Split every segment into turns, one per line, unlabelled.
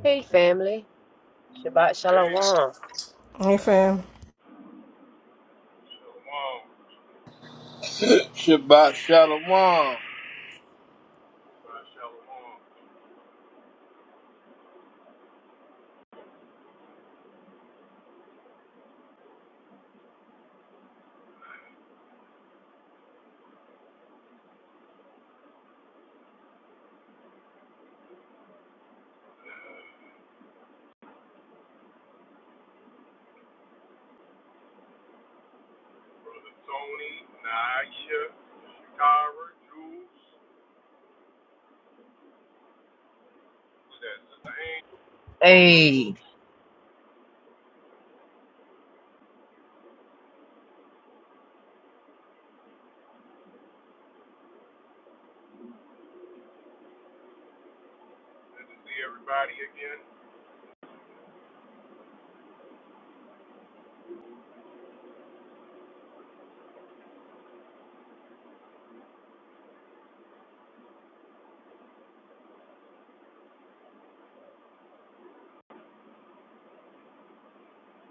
Hey, family. Shabbat Shalom.
Hey fam.
Shalom,
Shabbat Shalom.
uh, Shalom, Brother Tony, Naisha, Shakara, Jules, who's that, Sister Angel.
Hey,
Good to see everybody again.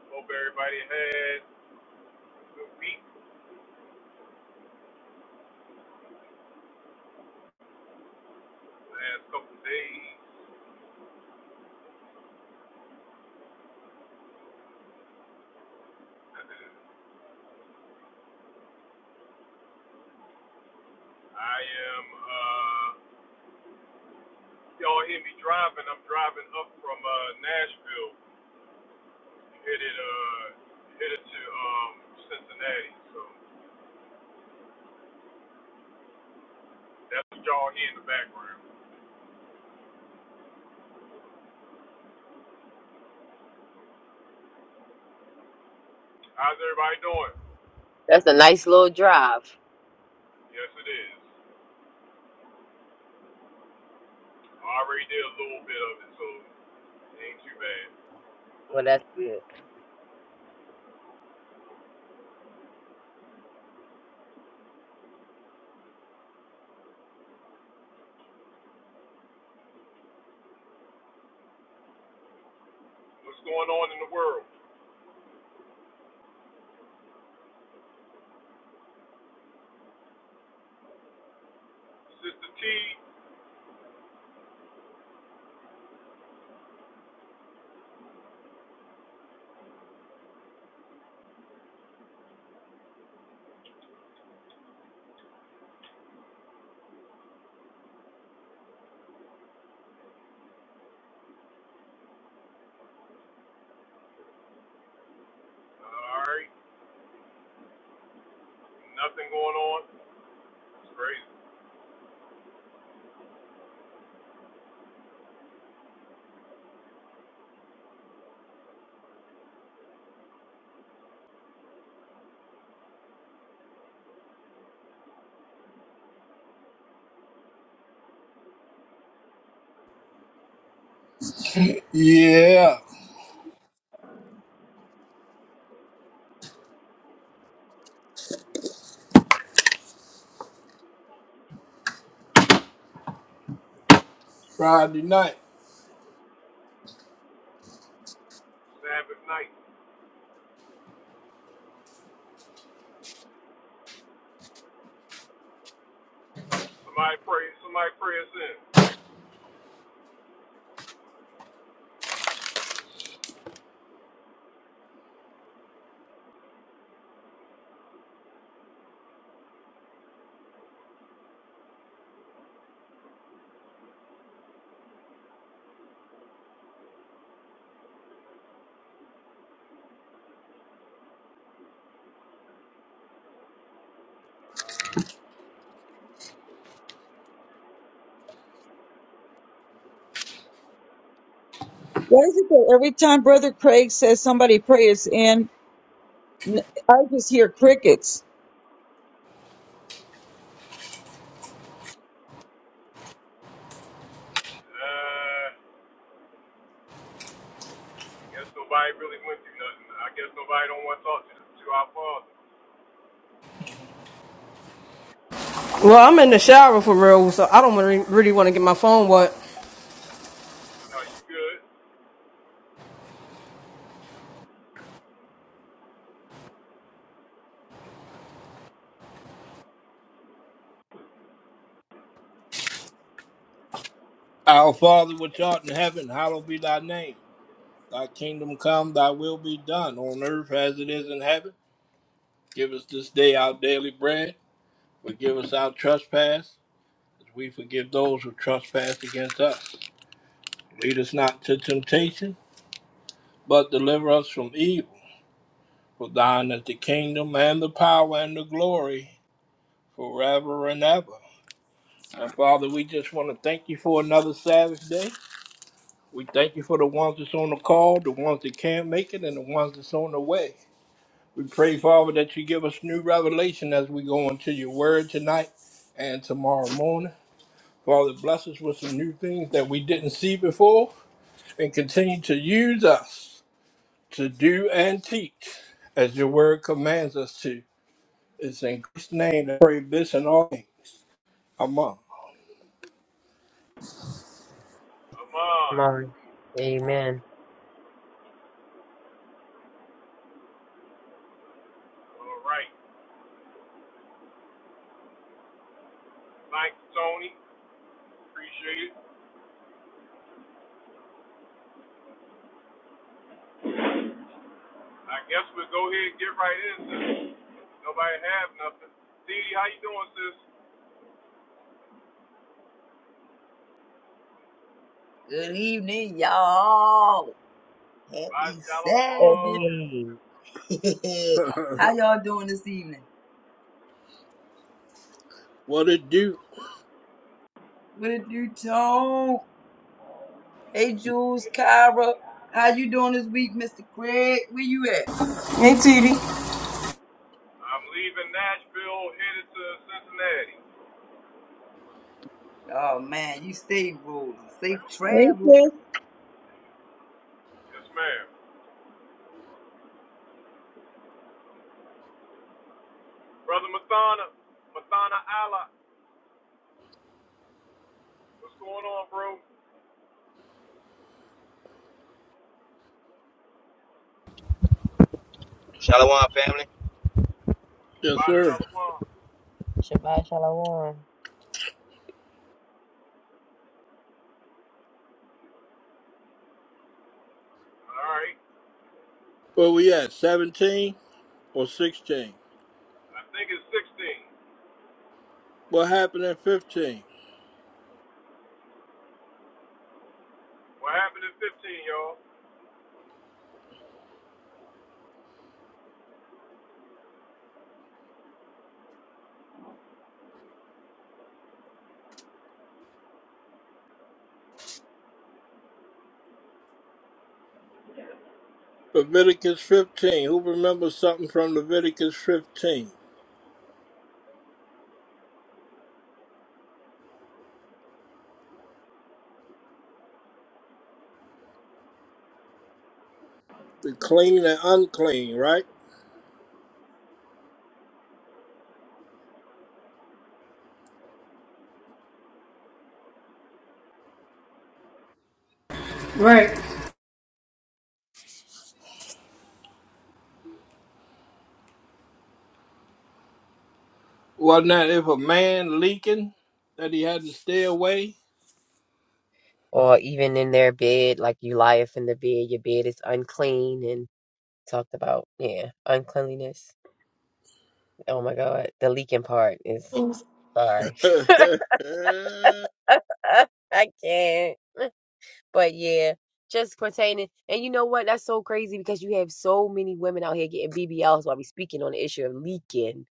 Hope everybody had a good week, last couple days. I am, uh, y'all hear me driving. I'm driving up from uh, Nashville, headed, uh, headed to um, Cincinnati. So that's what y'all hear in the background. How's everybody doing?
That's a nice little drive.
Yes, it is. I already did a little bit of it, so it ain't too bad.
Well, that's good.
What's going on in the world? Sister T, alright, nothing going on. It's crazy.
Yeah, Friday night.
Sabbath night. Somebody pray, somebody pray us in.
Why is it that every time Brother Craig says somebody pray is in, n- I just hear crickets?
Uh, I guess nobody really went through nothing. I guess nobody don't want to talk to, to our father.
Well, I'm in the shower for real, so I don't want really want to get my phone wet.
Are you good?
Our Father which art in heaven, hallowed be thy name. Thy kingdom come, thy will be done on earth as it is in heaven. Give us this day our daily bread. Forgive us our trespass, as we forgive those who trespass against us. Lead us not to temptation, but deliver us from evil. For thine is the kingdom and the power and the glory forever and ever. And Father, we just want to thank you for another Sabbath day. We thank you for the ones that's on the call, the ones that can't make it, and the ones that's on the way. We pray, Father, that you give us new revelation as we go into your word tonight and tomorrow morning. Father, bless us with some new things that we didn't see before and continue to use us to do and teach as your word commands us to. It's in Christ's name that I pray this and all things. Amen.
I'm on.
Mine.
Come on.
Amen.
Alright. Thank you, Tony. Appreciate it. I guess we'll go ahead and get right in, sis. Nobody have nothing. Dee, how you doing, sis?
Good evening, y'all.
Bye,
Happy Sabbath.
Shalom.
Hey,
How y'all doing this evening?
What it do?
What it do, Tone? Hey, Jules, Kyra. How you doing this week, Mr. Craig? Where you at?
Hey, Titi.
I'm leaving Nashville, headed to Cincinnati.
Oh, man, you stay rolling. Safe
Hey,
travels.
sis.
Yes, ma'am. Brother Mathana, Mathana Allah, what's going on, bro?
Shalom, family.
Yes,
Bye,
sir.
Shalom. All
Shabbat Shalom.
right.
Where we at? 17 or 16?
I think it's 16.
What happened in 15?
What happened at 15, y'all?
Leviticus 15. Who remembers something from Leviticus 15? The clean and unclean, right?
Right.
Wasn't that if a man leaking that he had to stay away?
Or even in their bed, like you lie up in the bed, your bed is unclean and talked about, yeah, uncleanliness. Oh my God. The leaking part is, sorry.
mm,
I can't. But yeah, just pertaining. And you know what? That's so crazy because you have so many women out here getting BBLs while we speaking on the issue of leaking,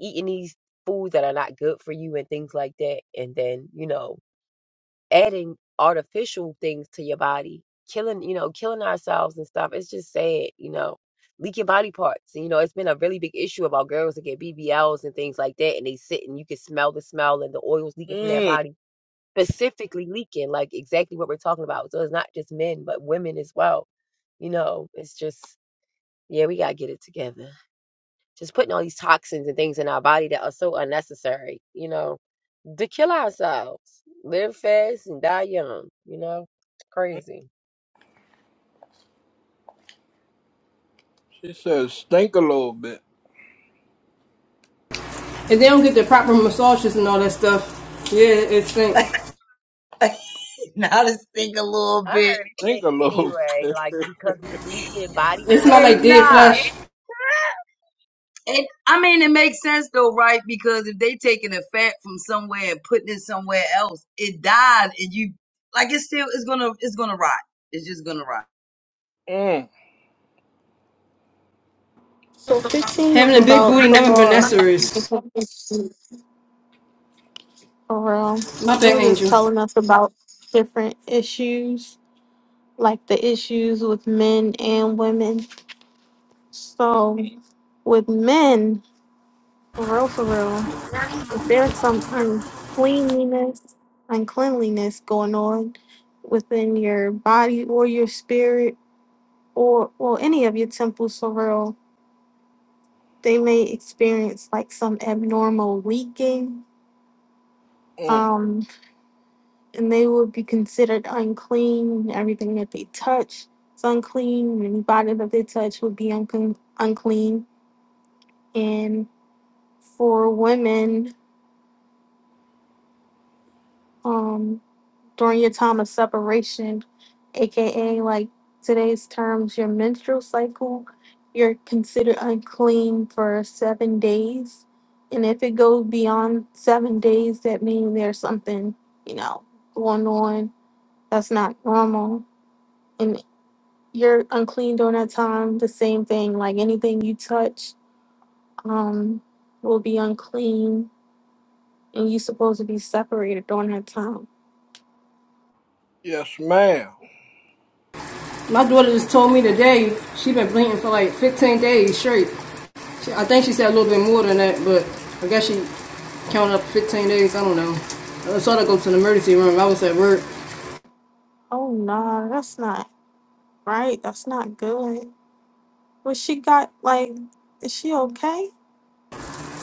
eating these foods that are not good for you and things like that. And then, you know, adding artificial things to your body, killing, you know, killing ourselves and stuff. It's just sad, you know. Leaking body parts. And, You know, it's been a really big issue about girls that get BBLs and things like that, and they sit and you can smell the smell and the oils leaking from their body
she
specifically leaking, like exactly what we're talking about. So it's not just men, but women as well. You know, it's just, yeah, we got to get it together. Just putting all these toxins and things in our body that are so unnecessary, you know, to kill ourselves, live fast and die young, you know, crazy.
says stink a little bit.
If they don't get the proper massages and all that stuff, yeah, it stinks.
now let's think a little
I
bit.
heard it
Stink
sick
a little
anyway,
bit.
like because it's leaking body
It's not
Hey,
oils
like
and
dead
nah.
fat.
flesh.
It, I mean, it makes sense though, right? Because if they taking a fat from somewhere and putting it somewhere else, it died, and you like it's still it's gonna it's gonna rot. It's just gonna rot.
Mm,
So 15 was
Having a big
about
booty
the
never been that
law of
serious.
information around.
My
It
bad,
was just
Angel.
telling us about different issues, like the issues with men and women.
mm,
So with men, for real, for real, if there's some uncleanliness, uncleanliness going on within your body or your spirit or well any of your temples for real, they may experience like some abnormal leaking.
mm.
um, and they would be considered unclean. Everything that they touch is unclean. Anybody that they touch would be unclean. unclean. And for women, um, during your time of separation, aka like today's terms, your menstrual cycle, you're considered unclean for seven days. And if it goes beyond seven days, that means there's something, you know, going on that's not normal And you're unclean during that time. The same thing, like anything you touch um, will be unclean, and you're supposed to be separated during that time.
Yes, ma'am.
My daughter just told me today she been bleeding for like 15 days straight. She, I think she said a little bit more than that, but I guess she counted up 15 days. I don't know. I saw her go to the emergency room. I was at work.
Oh no, that's not right. That's not good. But she got like, is she okay?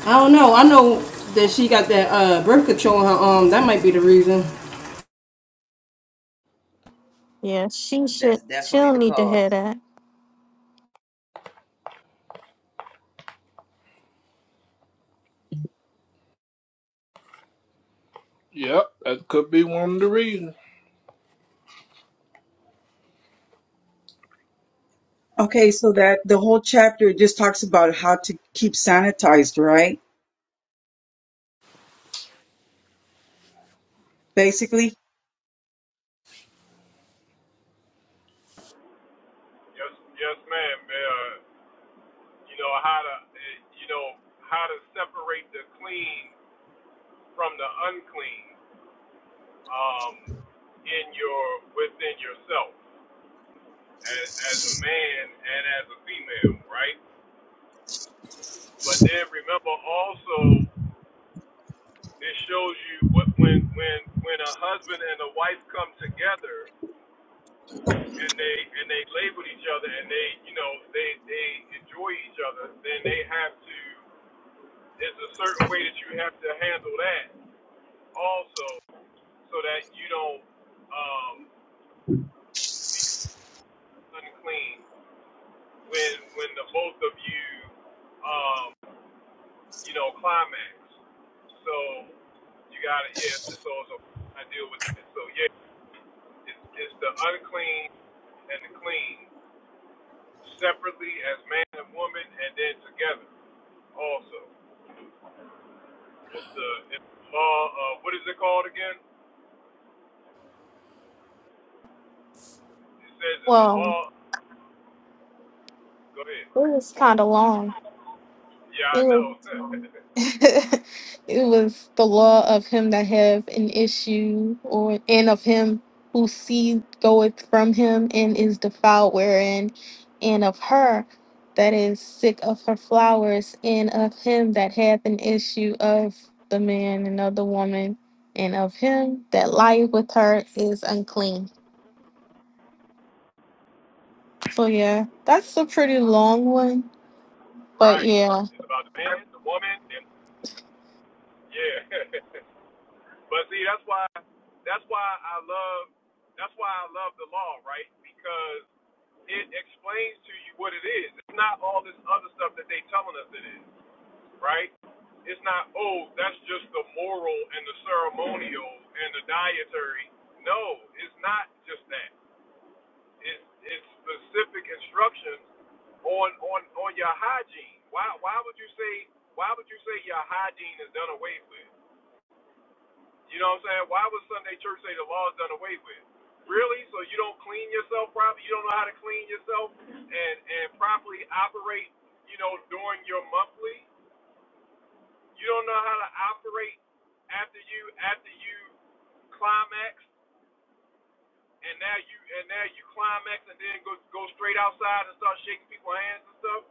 I don't know. I know that she got that uh, birth control in her arm. That might be the reason.
Yeah, she should.
That's definitely
She'll
the
need to hear
cause.
that.
Yep, that could be one of the reasons.
Okay, so that the whole chapter just talks about how to keep sanitized, right? Basically.
Yes, yes, ma'am. Uh, you know how to, uh, you know how to separate the clean from the unclean um, in your within yourself as, as a man and as a female, right? But then remember also It shows you what when when when a husband and a wife come together and they and they lay with each other and they you know they they enjoy each other, then they have to. It's a certain way that you have to handle that also, so that you don't um, become unclean when when the both of you um, you know climax. So you got to yes. So, so I deal with it. So yeah. It's, it's the unclean and the clean, separately as man and woman, and then together also. It's the it's the law. Uh, what is it called again? It says it's the
Well,
law. Go ahead.
it was kind of long.
Yeah, I
It
know.
was it was the law of him that have an issue or and of him whose seed goeth from him and is defiled wherein and of her that is sick of her flowers and of him that hath an issue of the man and of the woman and of him that lieth with her is unclean so yeah that's a pretty long one but
right.
yeah
It's about the man, the woman, and yeah. but see, that's why that's why I love that's why I love the law, right? Because it explains to you what it is. It's not all this other stuff that they telling us it is. right? It's not, oh, that's just the moral and the ceremonial and the dietary. No, it's not just that. It's it's specific instructions on on on your hygiene. Why why would you say why would you say your hygiene is done away with? You know what I'm saying? Why would Sunday church say the law is done away with? Really? So you don't clean yourself properly? You don't know how to clean yourself and and properly operate? You know during your monthly? You don't know how to operate after you after you climax, and now you and now you climax, and then go go straight outside and start shaking people's hands and stuff.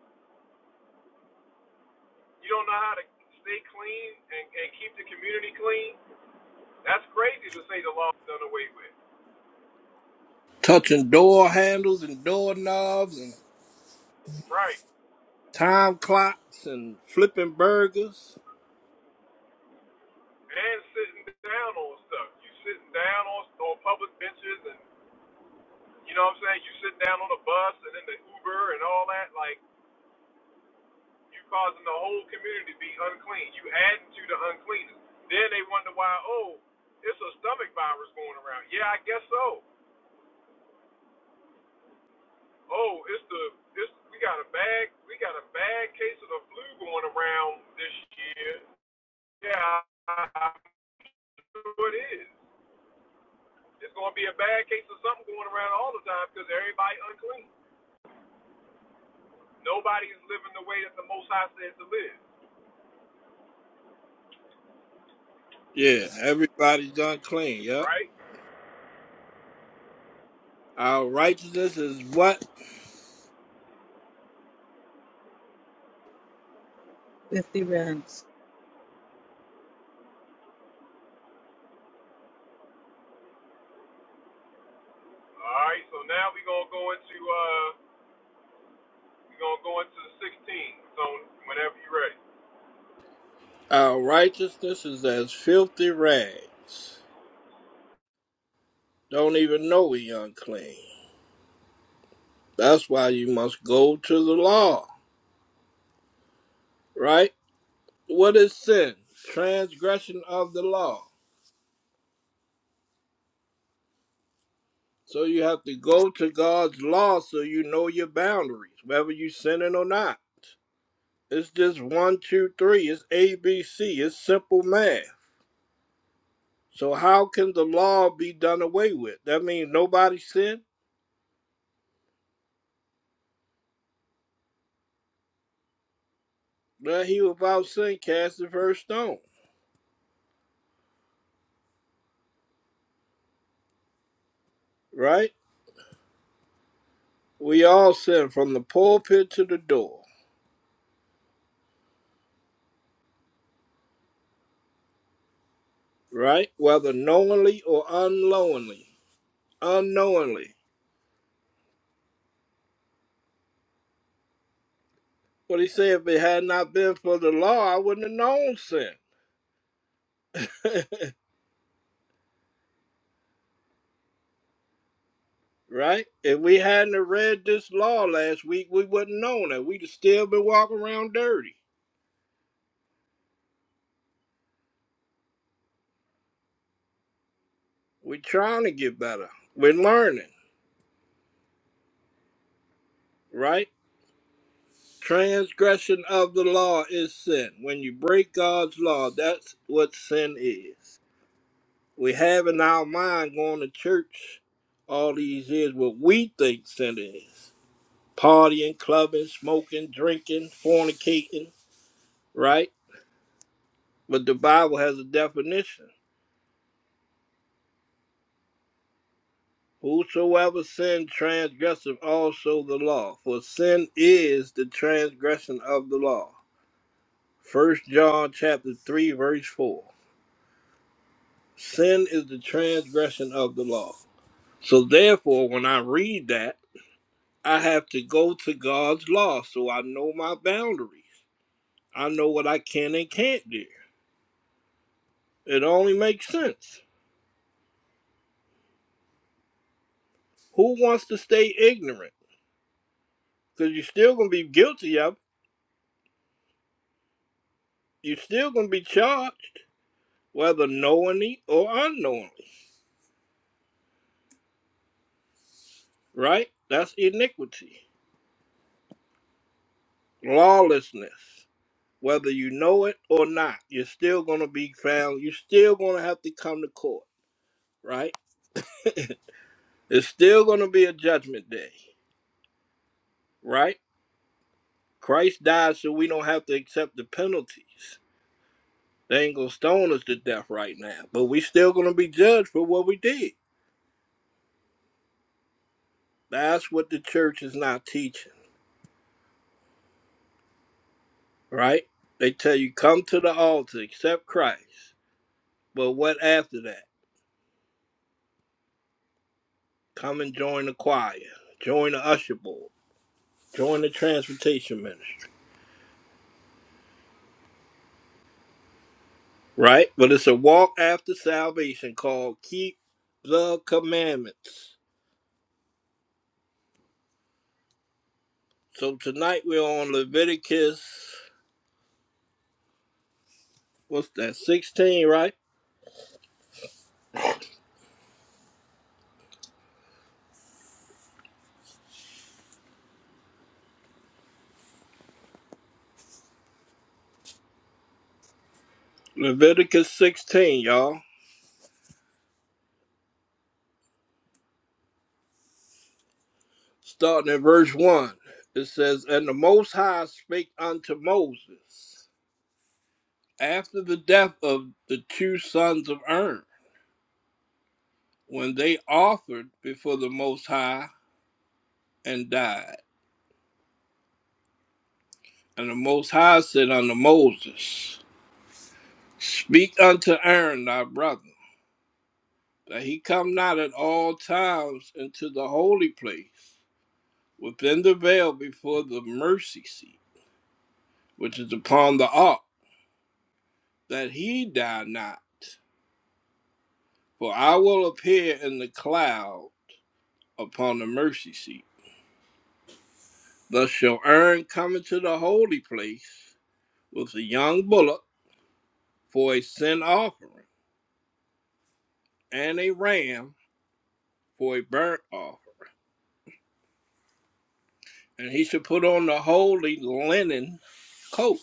You don't know how to stay clean and, and keep the community clean. That's crazy to say the law's done away with,
Touching door handles and doorknobs and
right?
time clocks and flipping burgers.
And sitting down on stuff. You sitting down on on public benches, and you know what I'm saying. You sit down on a bus and then the Uber and all that, like. you causing the whole community to be unclean. You adding to the uncleanness. Then they wonder why, oh, it's a stomach virus going around. Yeah, I guess so. Oh, it's the it's we got a bad we got a bad case of the flu going around this year. Yeah, I, I sure it is. It's going to be a bad case of something going around all the time because everybody unclean. Nobody is living the way that the Most High said to live,
Yeah, everybody's done clean. Yep.
right?
Our righteousness is what?
50 rounds.
All right, so now we're gonna go into uh, We're going to go into the 16. So whenever
Our righteousness is as filthy rags. Don't even know we unclean. That's why you must go to the law, right? What is sin? Transgression of the law. So you have to go to God's law so you know your boundaries, whether you are sinning or not. It's just one, two, three. It's ABC. It's simple math. So how can the law be done away with? That means nobody sinned. That he without sin cast the first stone, right? We all sin from the pulpit to the door, right? Whether knowingly or unknowingly, unknowingly. What he said, if it had not been for the law, I wouldn't have known sin, right? If we hadn't have read this law last week, we wouldn't have known that. We'd have still been walking around dirty. We're trying to get better. We're learning, right? Transgression of the law is sin. When you break God's law, that's what sin is. We have in our mind going to church all these years what we think sin is partying, clubbing, smoking, drinking, fornicating, right? But the Bible has a definition whosoever sin transgresseth also the law, for sin is the transgression of the law. First John chapter 3, verse 4. Sin is the transgression of the law. So therefore, when I read that, I have to go to God's law so I know my boundaries. I know what I can and can't do. It only makes sense. Who wants to stay ignorant? Because you're still going to be guilty of it. You're still going to be charged, whether knowingly or unknowingly, right? That's iniquity, lawlessness. Whether you know it or not, you're still going to be found. You're still going to have to come to court, right? It's still going to be a judgment day, right? Christ died so we don't have to accept the penalties. They ain't going to stone us to death right now, but we still going to be judged for what we did. That's what the church is not teaching, right? They tell you come to the altar, accept Christ. But what after that? Come and join the choir, join the usher board, join the transportation ministry, right? But it's a walk after salvation called keep the commandments So tonight we're on Leviticus, what's that, 16, right? Leviticus 16, y'all. Starting at verse 1. It says, And the Most High spake unto Moses after the death of the two sons of Aaron, when they offered before the Most High and died. And the Most High said unto Moses, Speak unto Aaron thy brother, that he come not at all times into the holy place within the veil before the mercy seat, which is upon the ark, that he die not. For I will appear in the cloud upon the mercy seat. Thus shall Aaron come into the holy place with a young bullock for a sin offering, and a ram for a burnt offering. And he shall put on the holy linen coat,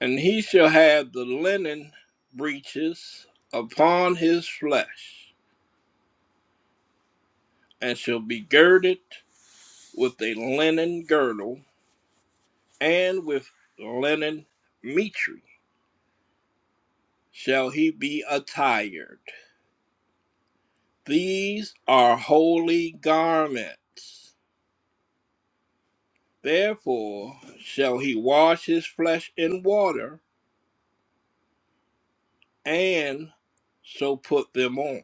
and he shall have the linen breeches upon his flesh, and shall be girded with a linen girdle, and with linen mitre shall he be attired. These are holy garments. Therefore shall he wash his flesh in water, and so put them on.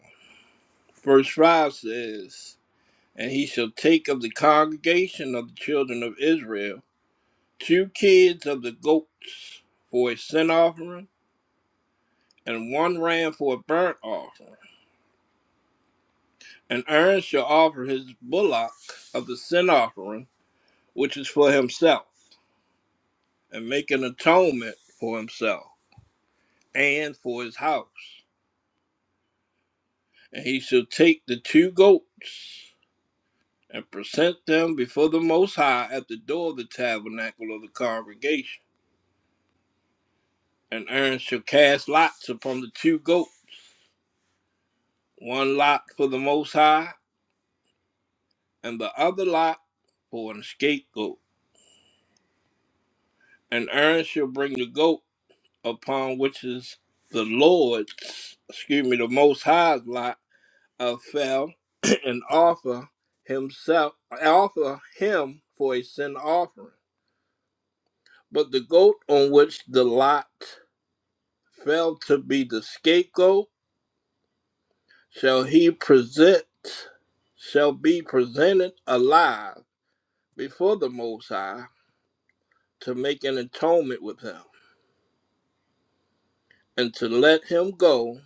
Verse 5 says, And he shall take of the congregation of the children of Israel two kids of the goats for a sin offering, and one ram for a burnt offering. And Aaron shall offer his bullock of the sin offering, which is for himself, and make an atonement for himself and for his house. And he shall take the two goats and present them before the Most High at the door of the tabernacle of the congregation. And Aaron shall cast lots upon the two goats, one lot for the Most High, and the other lot for an scapegoat. And Aaron shall bring the goat upon which is the Lord's, excuse me, the Most High's lot of fell, and offer himself, offer him for a sin offering. But the goat on which the lot fell to be the scapegoat shall he present, shall be presented alive before the Most High to make an atonement with him, and to let him go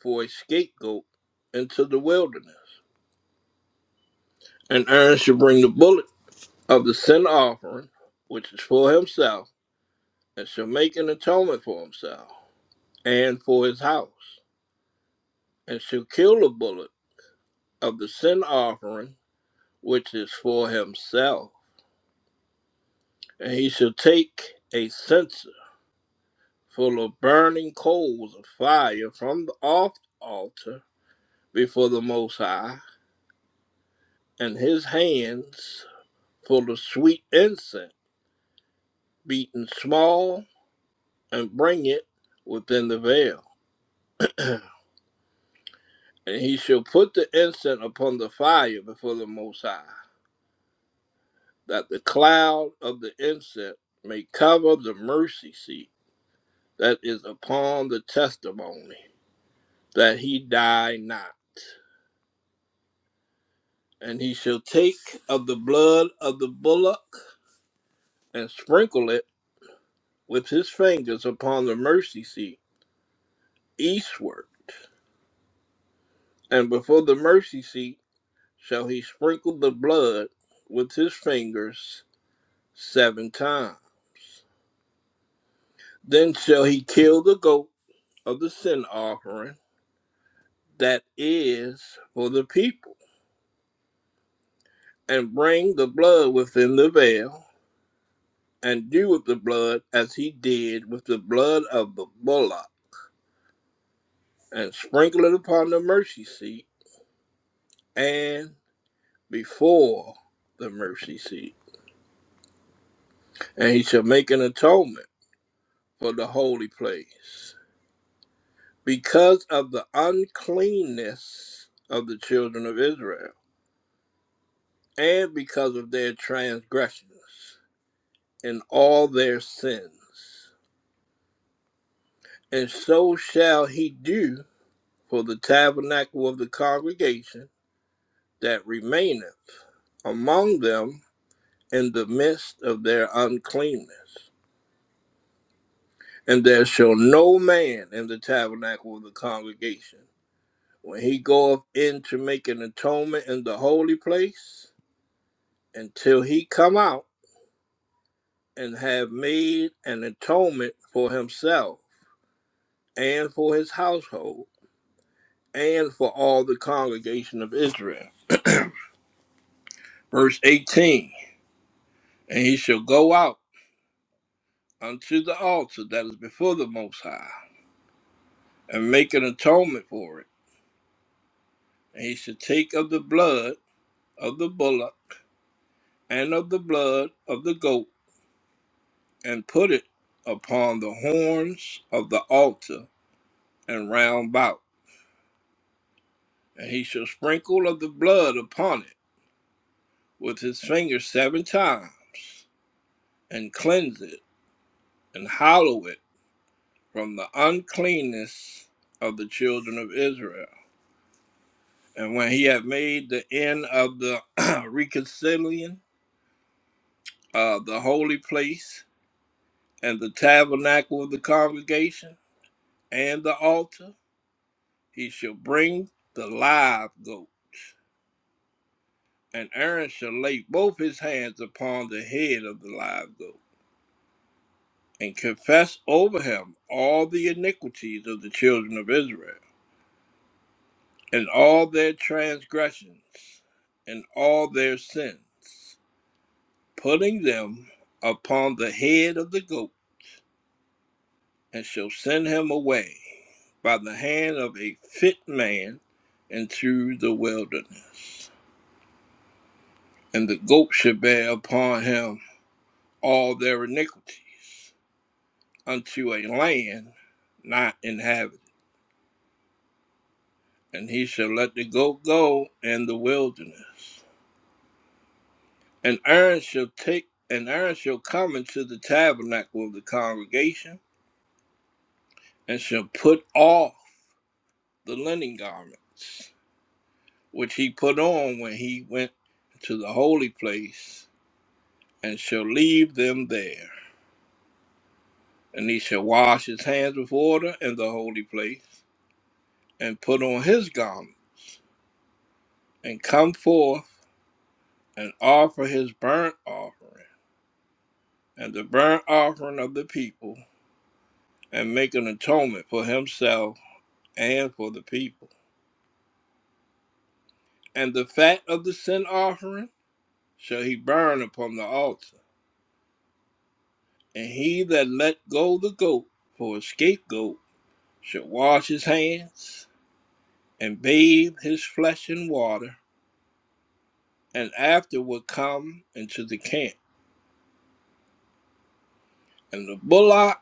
for a scapegoat into the wilderness. An Aaron shall bring the bullet of the sin offering, which is for himself, and shall make an atonement for himself and for his house, and shall kill the bullet of the sin offering, which is for himself. And he shall take a censer full of burning coals of fire from the off altar before the Most High, and his hands full of sweet incense, beaten small, and bring it within the veil. And he shall put the incense upon the fire before the Most High, that the cloud of the incense may cover the mercy seat that is upon the testimony, that he die not. And he shall take of the blood of the bullock and sprinkle it with his fingers upon the mercy seat eastward. And before the mercy seat shall he sprinkle the blood with his fingers seven times Then shall he kill the goat of the sin offering that is for the people, and bring the blood within the veil, and do with the blood as he did with the blood of the bullock, and sprinkle it upon the mercy seat and before the mercy seat. And he shall make an atonement for the holy place because of the uncleanness of the children of Israel and because of their transgressions. and all their sins. And so shall he do for the tabernacle of the congregation that remaineth among them in the midst of their uncleanness. And there shall no man in the tabernacle of the congregation, when he goeth in to make an atonement in the holy place, until he come out and have made an atonement for himself and for his household and for all the congregation of Israel. Verse 18 And he shall go out unto the altar that is before the Most High, and make an atonement for it. And he shall take of the blood of the bullock and of the blood of the goat, and put it upon the horns of the altar and round about. And he shall sprinkle of the blood upon it with his finger seven times, and cleanse it, and hallow it from the uncleanness of the children of Israel. And when he had made the end of the reconciling, uh, the holy place, and the tabernacle of the congregation, and the altar, he shall bring the live goat. And Aaron shall lay both his hands upon the head of the live goat, and confess over him all the iniquities of the children of Israel. and all their transgressions and all their sins, putting them upon the head of the goat, and shall send him away by the hand of a fit man into the wilderness. And the goat shall bear upon him all their iniquity unto a land not inhabited. And he shall let the goat go in the wilderness An iron shall take an iron shall come into the tabernacle of the congregation, and shall put off the linen garments, which he put on when he went to the holy place, and shall leave them there. And he shall wash his hands with water in the holy place, and put on his garment, and come forth and offer his burnt offering, and the burnt offering of the people, and make an atonement for himself and for the people and the fat of the sin offering shall he burn upon the altar. And he that let go the goat for a scapegoat shall wash his hands and bathe his flesh in water, and afterward come into the camp. And the bullock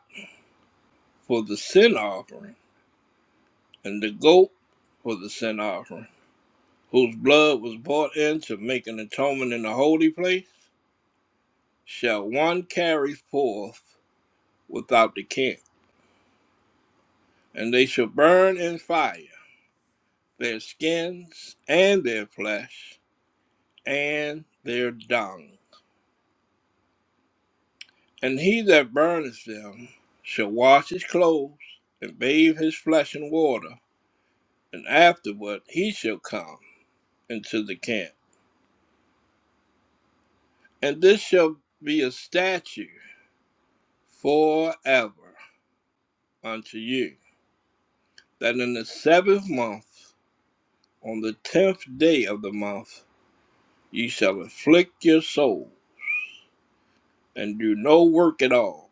for the sin offering, and the goat for the sin offering, whose blood was brought in to make an atonement in the holy place, shall one carry forth without the camp, and they shall burn in fire their skins and their flesh and their dung. And he that burneth them shall wash his clothes and bathe his flesh in water, and afterward he shall come into the camp. And this shall be a statue forever unto you, that in the seventh month, on the tenth day of the month, ye shall afflict your soul, and do no work at all,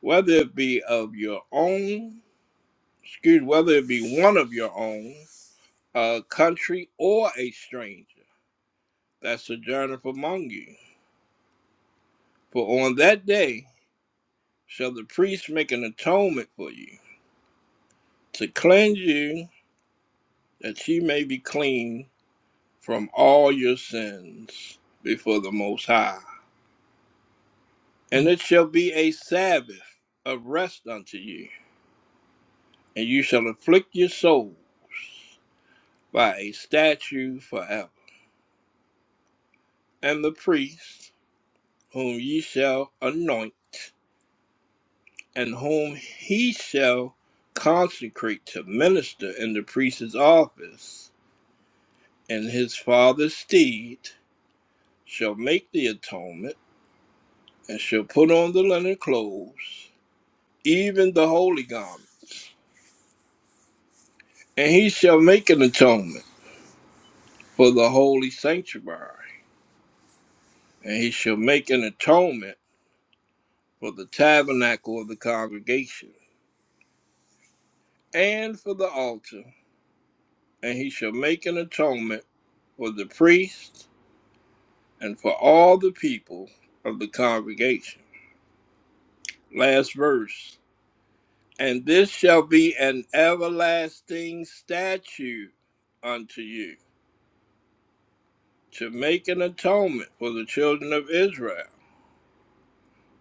whether it be of your own excuse whether it be one of your own, a country, or a stranger that sojourneth among you. For on that day shall the priest make an atonement for you, to cleanse you, that ye may be clean from all your sins before the Most High. And it shall be a Sabbath of rest unto you, and you shall afflict your soul by a statue forever. And the priest whom ye shall anoint and whom he shall consecrate to minister in the priest's office, and his father's steed shall make the atonement, and shall put on the linen clothes, even the holy garment, and he shall make an atonement for the holy sanctuary, and he shall make an atonement for the tabernacle of the congregation, and for the altar, and he shall make an atonement for the priest and for all the people of the congregation. Last verse. And this shall be an everlasting statute unto you to make an atonement for the children of Israel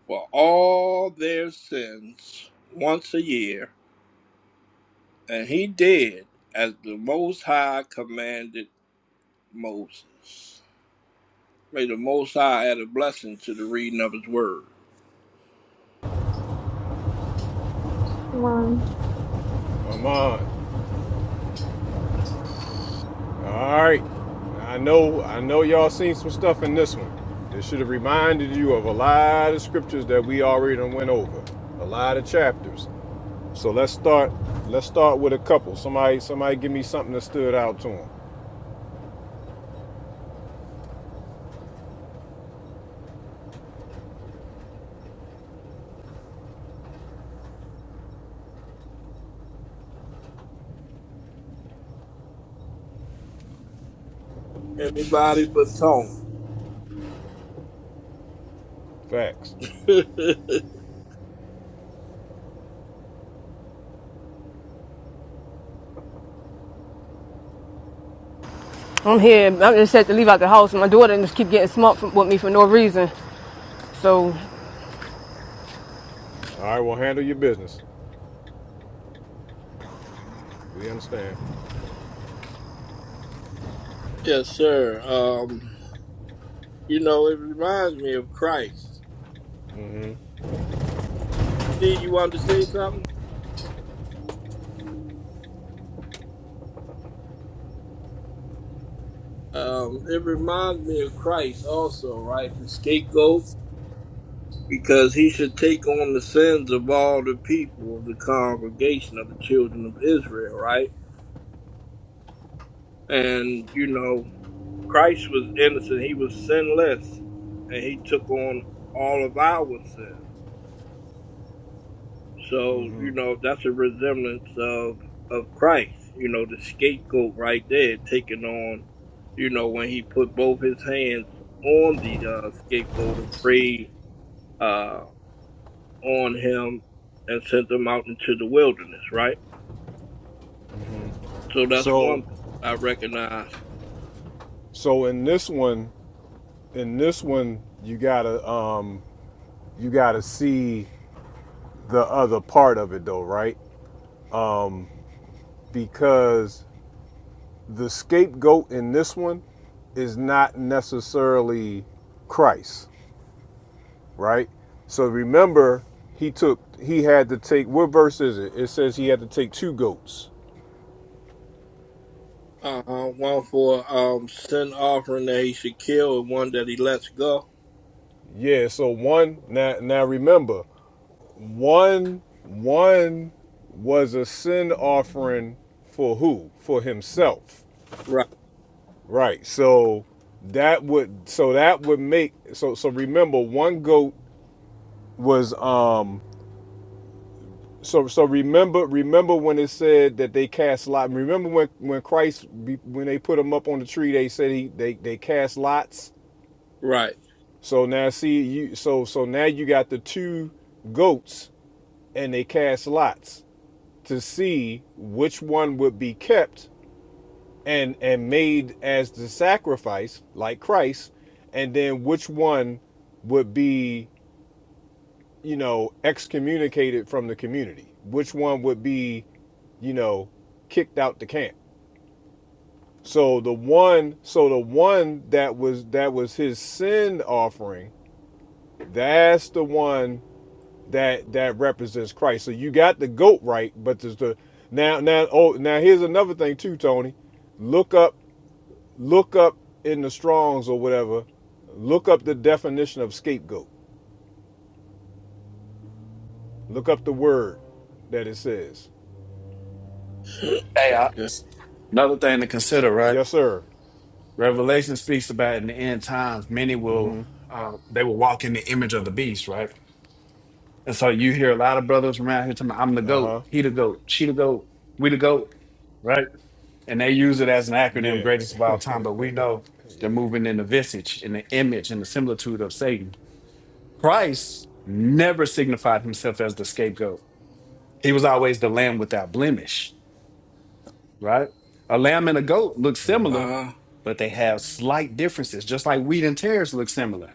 for all their sins once a year. And he did as the Most High commanded Moses. May the Most High add a blessing to the reading of his word.
one
you're ready. Come on. All right. I know I know y'all seen some stuff in this one. This should have reminded you of a lot of scriptures that we already done went over. A lot of chapters. So let's start let's start with a couple. Somebody somebody give me something that stood out to them.
Anybody but Tony.
Facts.
I'm here. I just had to leave out the house. My daughter just keep getting smart from, with me for no reason. So
All right, well handle your business. We understand.
yes, sir. Um, You know, it reminds me of Christ.
Mm-hmm.
See, you wanted to say something? Um, it reminds me of Christ also, right? The scapegoat, because he should take on the sins of all the people of the congregation of the children of Israel, right? And, you know, Christ was innocent, he was sinless, and he took on all of our sins. So,
Mm-hmm.
you know, that's a resemblance of of Christ, you know, the scapegoat right there taking on, you know, when he put both his hands on the uh, scapegoat and prayed uh, on him and sent him out into the wilderness, right? So that's
So
one thing I recognize.
so in this one in this one you got to um you got to see the other part of it though, right? Because the scapegoat in this one is not necessarily Christ, right? So remember, he took he had to take what verse is it? It says he had to take two goats.
Uh-huh. One for um sin offering that he should kill and one that he lets go.
Yeah, so one now now remember, one one was a sin offering for who? For himself.
Right,
Right. So that would so that would make so so remember one goat was um so so remember remember when it said that they cast lot remember when when Christ be- when they put him up on the tree they said he they they cast lots
right.
so now see you so so now you got the two goats and they cast lots to see which one would be kept and and made as the sacrifice like Christ and then which one would be you know excommunicated from the community which one would be you know kicked out the camp so the one so the one that was that was his sin offering that's the one that that represents Christ so you got the goat right but there's the now now oh now here's another thing too Tony look up look up in the Strongs or whatever, look up the definition of scapegoat. Look up the word that it says.
Hey, uh,
Yeah.
another thing to consider, right?
Yes, sir.
Revelation speaks about in the end times, many will uh, they will walk in the image of the beast, right? And so you hear a lot of brothers from out here talking, about, "I'm the
Uh
goat,
huh.
he the goat, she the goat, we the goat," right? And they use it as an acronym,
Yeah.
greatest of all
mm
time. But we know they're moving in the visage, in the image, in the similitude of Satan. Christ never signified himself as the scapegoat. He was always the lamb without blemish right? A lamb and a goat look
hmm.
similar,
Uh-huh.
but they have slight differences, just like wheat and tares look similar,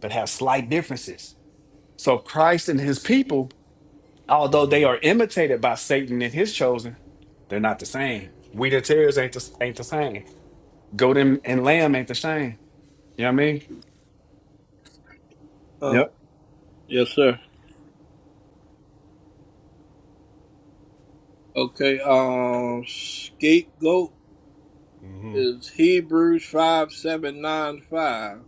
but have slight differences. So Christ and his people, although they are imitated by Satan and his chosen, they're not the same. Wheat and tares ain't the, ain't the same. Goat and, and lamb ain't the same. You know what I mean?
Uh,
Yep.
yes, sir. Okay, um, scapegoat
Mm hmm.
is Hebrews 5795.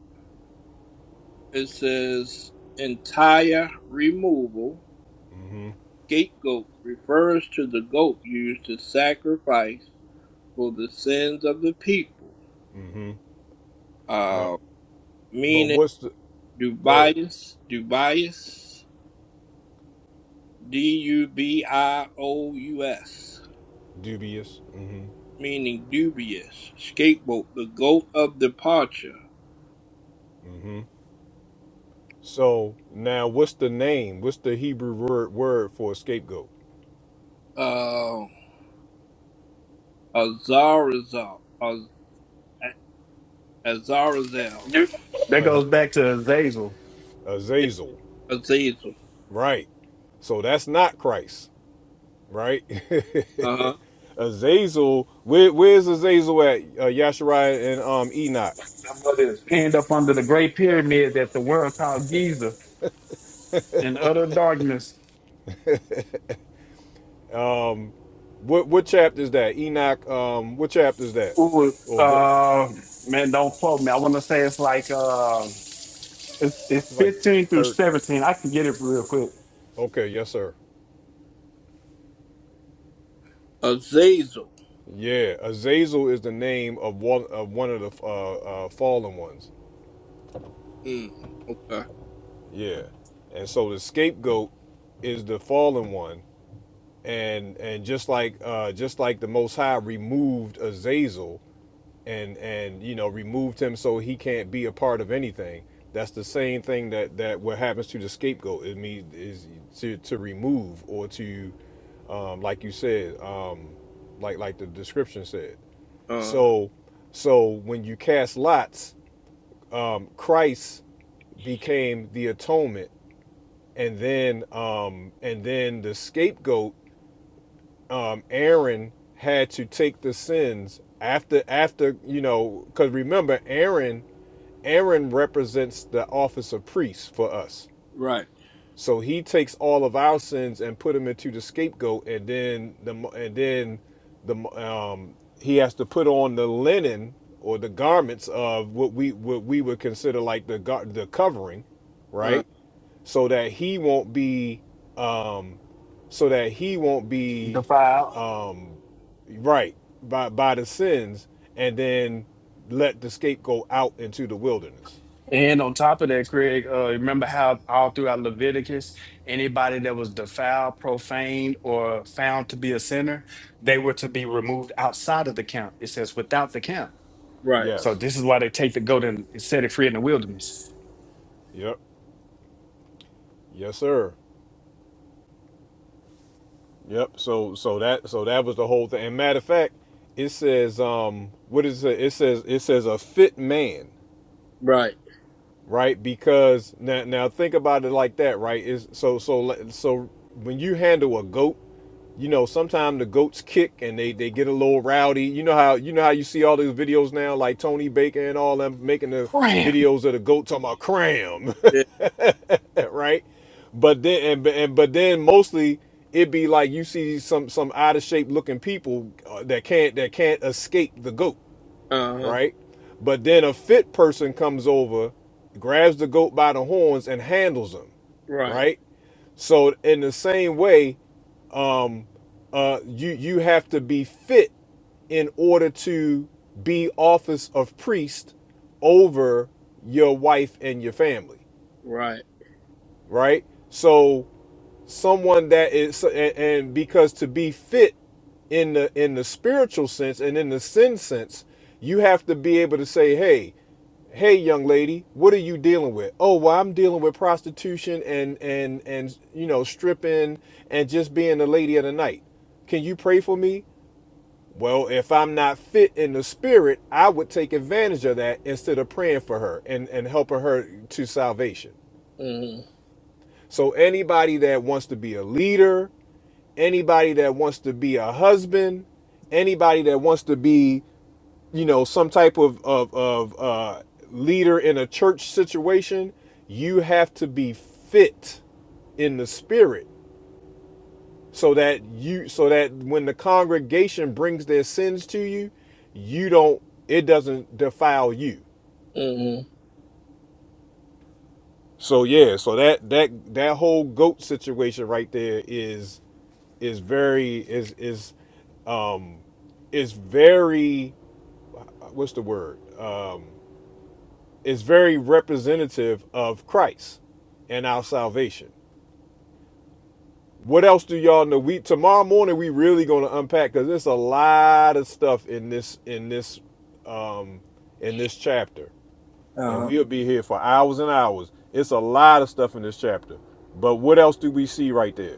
It says, entire removal.
Mm hmm.
Scapegoat refers to the goat used to sacrifice for the sins of the people.
Mm hmm. No.
Uh,
But
meaning
what's the. Go ahead.
dubious, dubious, D U B I O U S,
Dubious. Mm hmm.
meaning dubious. Scapegoat, the goat of departure.
Mm hmm. So now what's the name? What's the Hebrew word, word for a scapegoat?
Uh. Azazel. Az- Azazel.
That goes
Az-
back to Azazel.
Yeah,
Azazel.
Azazel.
Right. So that's not Christ. right?
Uh huh.
Azazel, where, where's Azazel at? Uh, Yashariah and um, Enoch.
Somebody is pinned up under the great pyramid that the world called Giza in utter darkness
What what chapter is that? Enoch. Um, what chapter is that?
Ooh,
Or ver-
uh, man, don't quote me. I want to say it's like uh, it's, it's
it's like
15 through
third.
17. I can get it real quick.
Okay, yes, sir.
Azazel.
Yeah, Azazel is the name of one of one of the uh, uh, fallen ones.
Mm, okay.
Yeah, and so the scapegoat is the fallen one, and and just like uh, just like the Most High removed Azazel, and and you know removed him so he can't be a part of anything. That's the same thing that that what happens to the scapegoat. It means is to to remove or to, um, like you said, um, like like the description said.
Uh,
So so when you cast lots, um, Christ became the atonement, and then um, and then the scapegoat, um, Aaron had to take the sins after after you know because remember Aaron Aaron represents the office of priest for us.
right.
So he takes all of our sins and put them into the scapegoat, and then the and then the um, he has to put on the linen or the garments of what we what we would consider like the gar- the covering,
Uh,
right? So that he won't be um, so that he won't
The
be
file.
um, right by by the sins, and then let the scapegoat out into the wilderness.
And on top of that, Craig, uh, remember how all throughout Leviticus, anybody that was defiled, profaned, or found to be a sinner, they were to be removed outside of the camp. It says without the camp.
right.
So
Yes.
this is why they take the goat and set it free in the wilderness.
Yep. Yes, sir. Yep. So so that so that was the whole thing. And matter of fact, it says um what is it? It says it says a fit man,
Right.
right? Because now now think about it like that, right? Is so so le- so when you handle a goat, you know sometimes the goats kick and they they get a little rowdy. You know how you know how you see all these videos now, like Tony Baker and all them making the
Ram.
videos of the goat talking about cram.
Yeah.
right? But then and, and but then mostly it be like you see some some out of shape looking people uh, that can't that can't escape the goat,
Uh huh.
right? But then a fit person comes over, grabs the goat by the horns and handles him,
Right.
right? So in the same way, uh, you you have to be fit in order to be office of priest over your wife and your family,
Right.
right? So someone that is so, and, and because to be fit in the in the spiritual sense and in the sin sense you have to be able to say hey hey young lady what are you dealing with oh well i'm dealing with prostitution and and and you know stripping and just being the lady of the night can you pray for me well if i'm not fit in the spirit i would take advantage of that instead of praying for her and and helping her to salvation
Mm
so anybody that wants to be a leader anybody that wants to be a husband, anybody that wants to be, you know, some type of of, of uh, leader in a church situation, you have to be fit in the spirit, so that you, so that when the congregation brings their sins to you, you don't, it doesn't defile you.
hmm. Mm hmm.
So yeah, so that that that whole goat situation right there is is very is is um is very what's the word? Um, it's very representative of Christ and our salvation. What else do y'all know? We tomorrow morning we really going to unpack because there's a lot of stuff in this in this um, in this chapter,
Uh
and
huh.
we'll be here for hours and hours. It's a lot of stuff in this chapter. But what else do we see right there?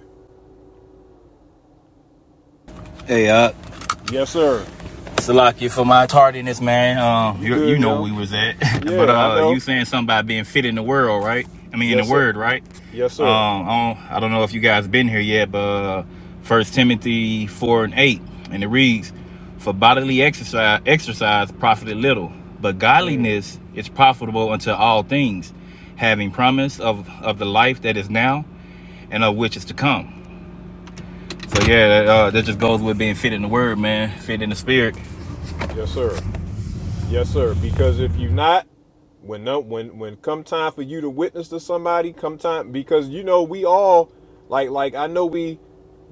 Hey, uh,
Yes, sir.
Salaki, for my tardiness, man. Um,
You
you, you
good,
know
yo?
where we was at, but
Yeah, I
uh, you
know.
saying something about being fit in the world, right? I mean, in the
Yes, sir.
word, right?
Yes, sir.
Um, I don't, I don't know if you guys been here yet, but uh, First Timothy four and eight, and it reads, "For bodily exercise, exercise profited little, but godliness is profitable unto all things, having promise of of the life that is now and of which is to come." So yeah, that, uh, that just goes with being fit in the word, man, fit in the spirit.
Yes, sir. Yes, sir. Because if you not, when no, when when come time for you to witness to somebody, come time because you know we all like like I know we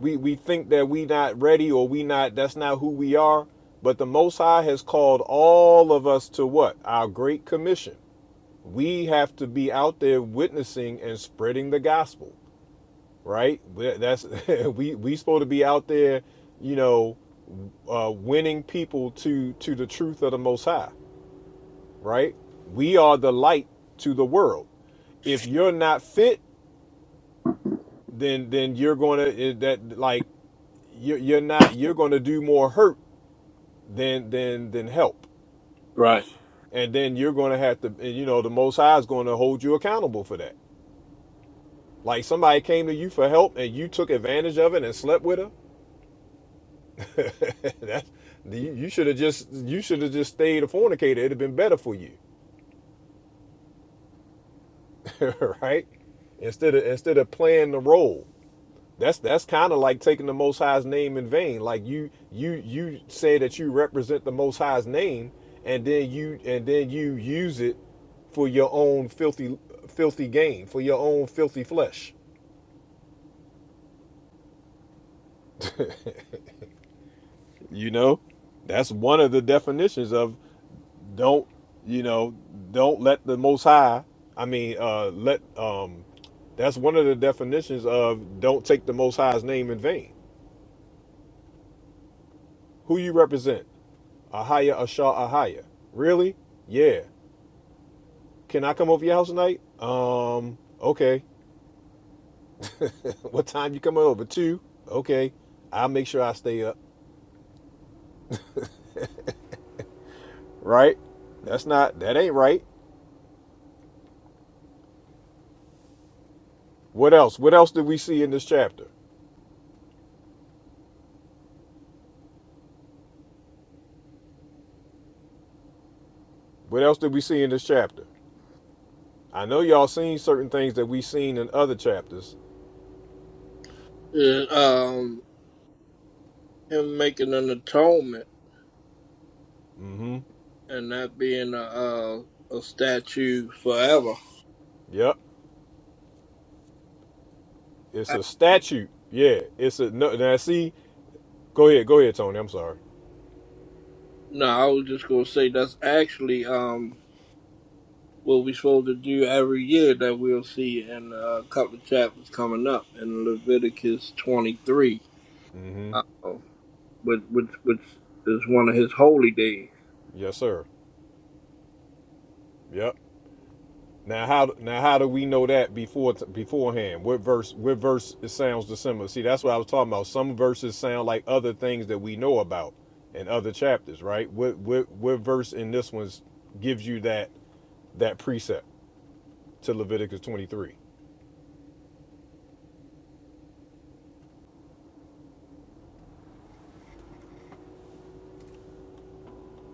we we think that we not ready or we not that's not who we are, but the Most High has called all of us to what our great commission. We have to be out there witnessing and spreading the gospel, right? We- That's we we supposed to be out there, you know, uh, winning people to to the truth of the Most High right? We are the light to the world. If you're not fit, then then you're going to that like you're, you're not you're going to do more hurt than than than help,
Right.
and then you're going to have to and, you know the Most High is going to hold you accountable for that. Like somebody came to you for help and you took advantage of it and slept with her. that you, you should have just you should have just stayed a fornicator. It'd have been better for you, right? Instead of instead of playing the role. That's that's kind of like taking the Most High's name in vain. Like you you you say that you represent the Most High's name, and then you and then you use it for your own filthy filthy gain, for your own filthy flesh. You know, that's one of the definitions of don't you know don't let the Most High. I mean, uh, let um, that's one of the definitions of don't take the Most High's name in vain. Who you represent? Ahaya Ashar Ahaya. Really? Yeah. Can I come over your house tonight? Um, okay. what time you coming over? Two. Okay. I'll make sure I stay up. Right? That's not that ain't right. What else? What else did we see in this chapter? What else did we see in this chapter? I know y'all seen certain things that we seen in other chapters.
Yeah, um, him making an atonement
Mm-hmm.
and not being a, a, a statue forever.
Yep. It's
I-
a statute. Yeah. It's a no now see. Go ahead, go ahead, Tony. I'm sorry.
no, I was just gonna say that's actually um what we're supposed to do every year that we'll see in uh, a couple of chapters coming up in Leviticus 23,
Mm-hmm.
uh, which, which, which is one of his holy days.
Yes, sir. Yep. Now how now how do we know that before beforehand? What verse what verse it sounds dissimilar? See, that's what I was talking about. Some verses sound like other things that we know about in other chapters, right? What what what verse in this one gives you that that precept to Leviticus 23?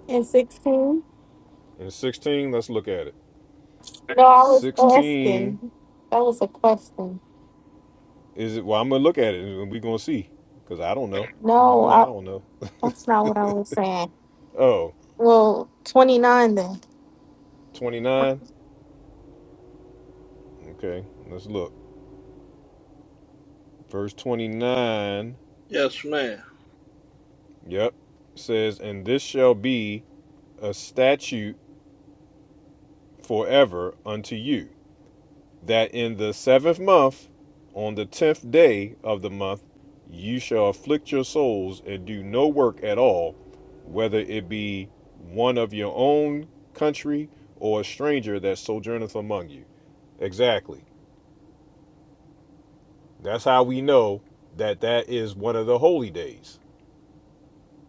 and 16
And 16, let's look at it.
No, I was
16
asking. That was a question.
is it well, I'm gonna look at it and we're gonna see. Cause I don't know. You
No,
know I
I,
don't know.
that's not what I was saying.
Oh,
Well, 29 then.
29. Okay, let's look. Verse 29
Yes, ma'am.
Yep. It Says, and this shall be a statute forever unto you, that in the seventh month, on the tenth day of the month, you shall afflict your souls and do no work at all, whether it be one of your own country or a stranger that sojourneth among you. Exactly. That's how we know that that is one of the holy days,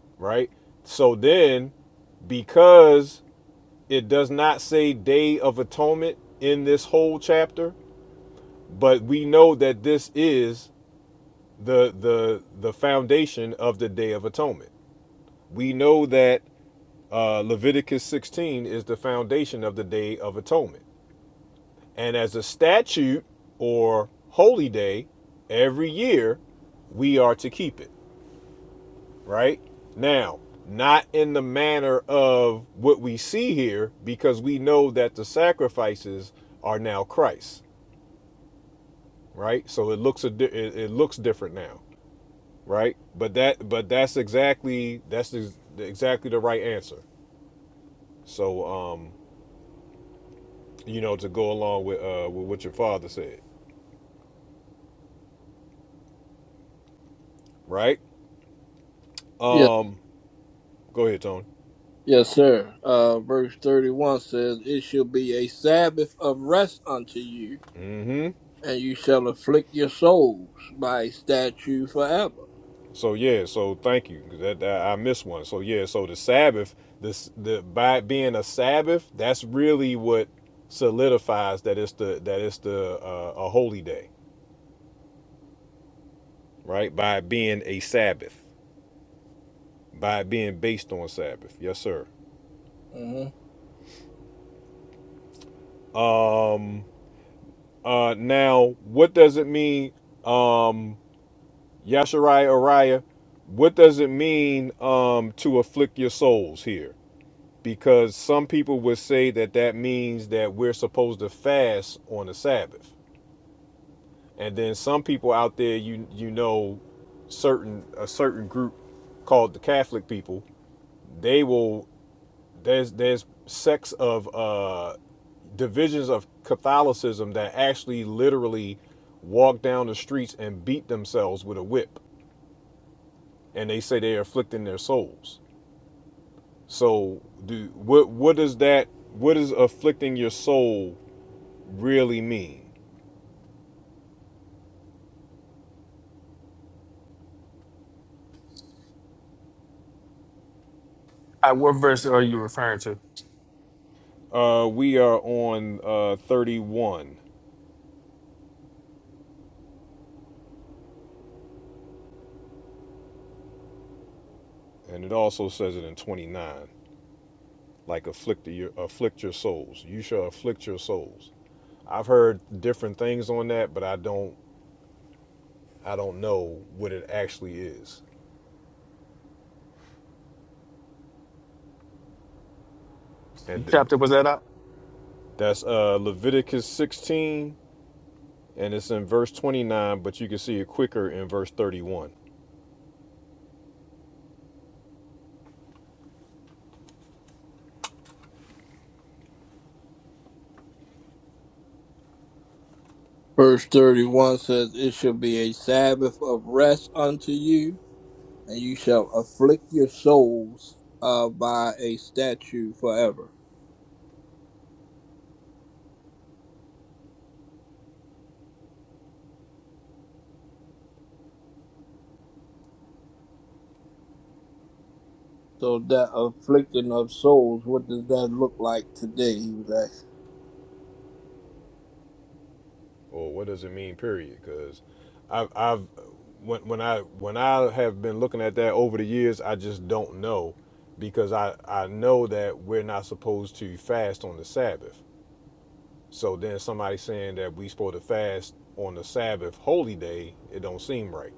right? So then, because It does not say Day of Atonement in this whole chapter, but we know that this is the the the foundation of the Day of Atonement. We know that uh, Leviticus 16 is the foundation of the Day of Atonement, and as a statute or holy day, every year we are to keep it. Right now, not in the manner of what we see here, because we know that the sacrifices are now Christ. right? So it looks a di- it, it looks different now, right? But that but that's exactly that's the, exactly the right answer. So um, you know, to go along with uh with what your father said, right?
Yes,
Um, go ahead, Tony.
yes, sir. Uh, verse 31 says, It shall be a Sabbath of rest unto you,
Mm-hmm.
and you shall afflict your souls by a statute forever.
So yeah, so thank you. That, that- I missed one. So yeah, so the Sabbath, this the by being a Sabbath, that's really what solidifies that it's the that it's the uh, a holy day, right? By being a Sabbath. by it being based on Sabbath. Yes, sir.
Mhm.
Um. Uh. Now, what does it mean? Um. Yashariah, Ariah. What does it mean? Um. To afflict your souls here, because some people would say that that means that we're supposed to fast on the Sabbath, and then some people out there, you you know, certain a certain group called the Catholic people, they will there's there's sects of uh, divisions of Catholicism that actually literally walk down the streets and beat themselves with a whip, and they say they're afflicting their souls. So, do what what does that what does afflicting your soul really mean?
Uh, what verse are you referring to?
Uh, we are on uh, 31, and it also says it in 29. Like afflict your afflict your souls. You shall afflict your souls. I've heard different things on that, but I don't I don't know what it actually is. And
What Chapter was that up?
that's uh, Leviticus 16, and it's in verse 29, but you can see it quicker in verse 31.
Verse 31 says, It shall be a Sabbath of rest unto you, and you shall afflict your souls uh, by a statue forever. So that afflicting of souls, what does that look like today? He was asking.
Or what does it mean, period? Because I've, I've when, when I when I have been looking at that over the years, I just don't know because I, I know that we're not supposed to fast on the Sabbath. So then somebody saying that we supposed to fast on the Sabbath holy day, it don't seem right.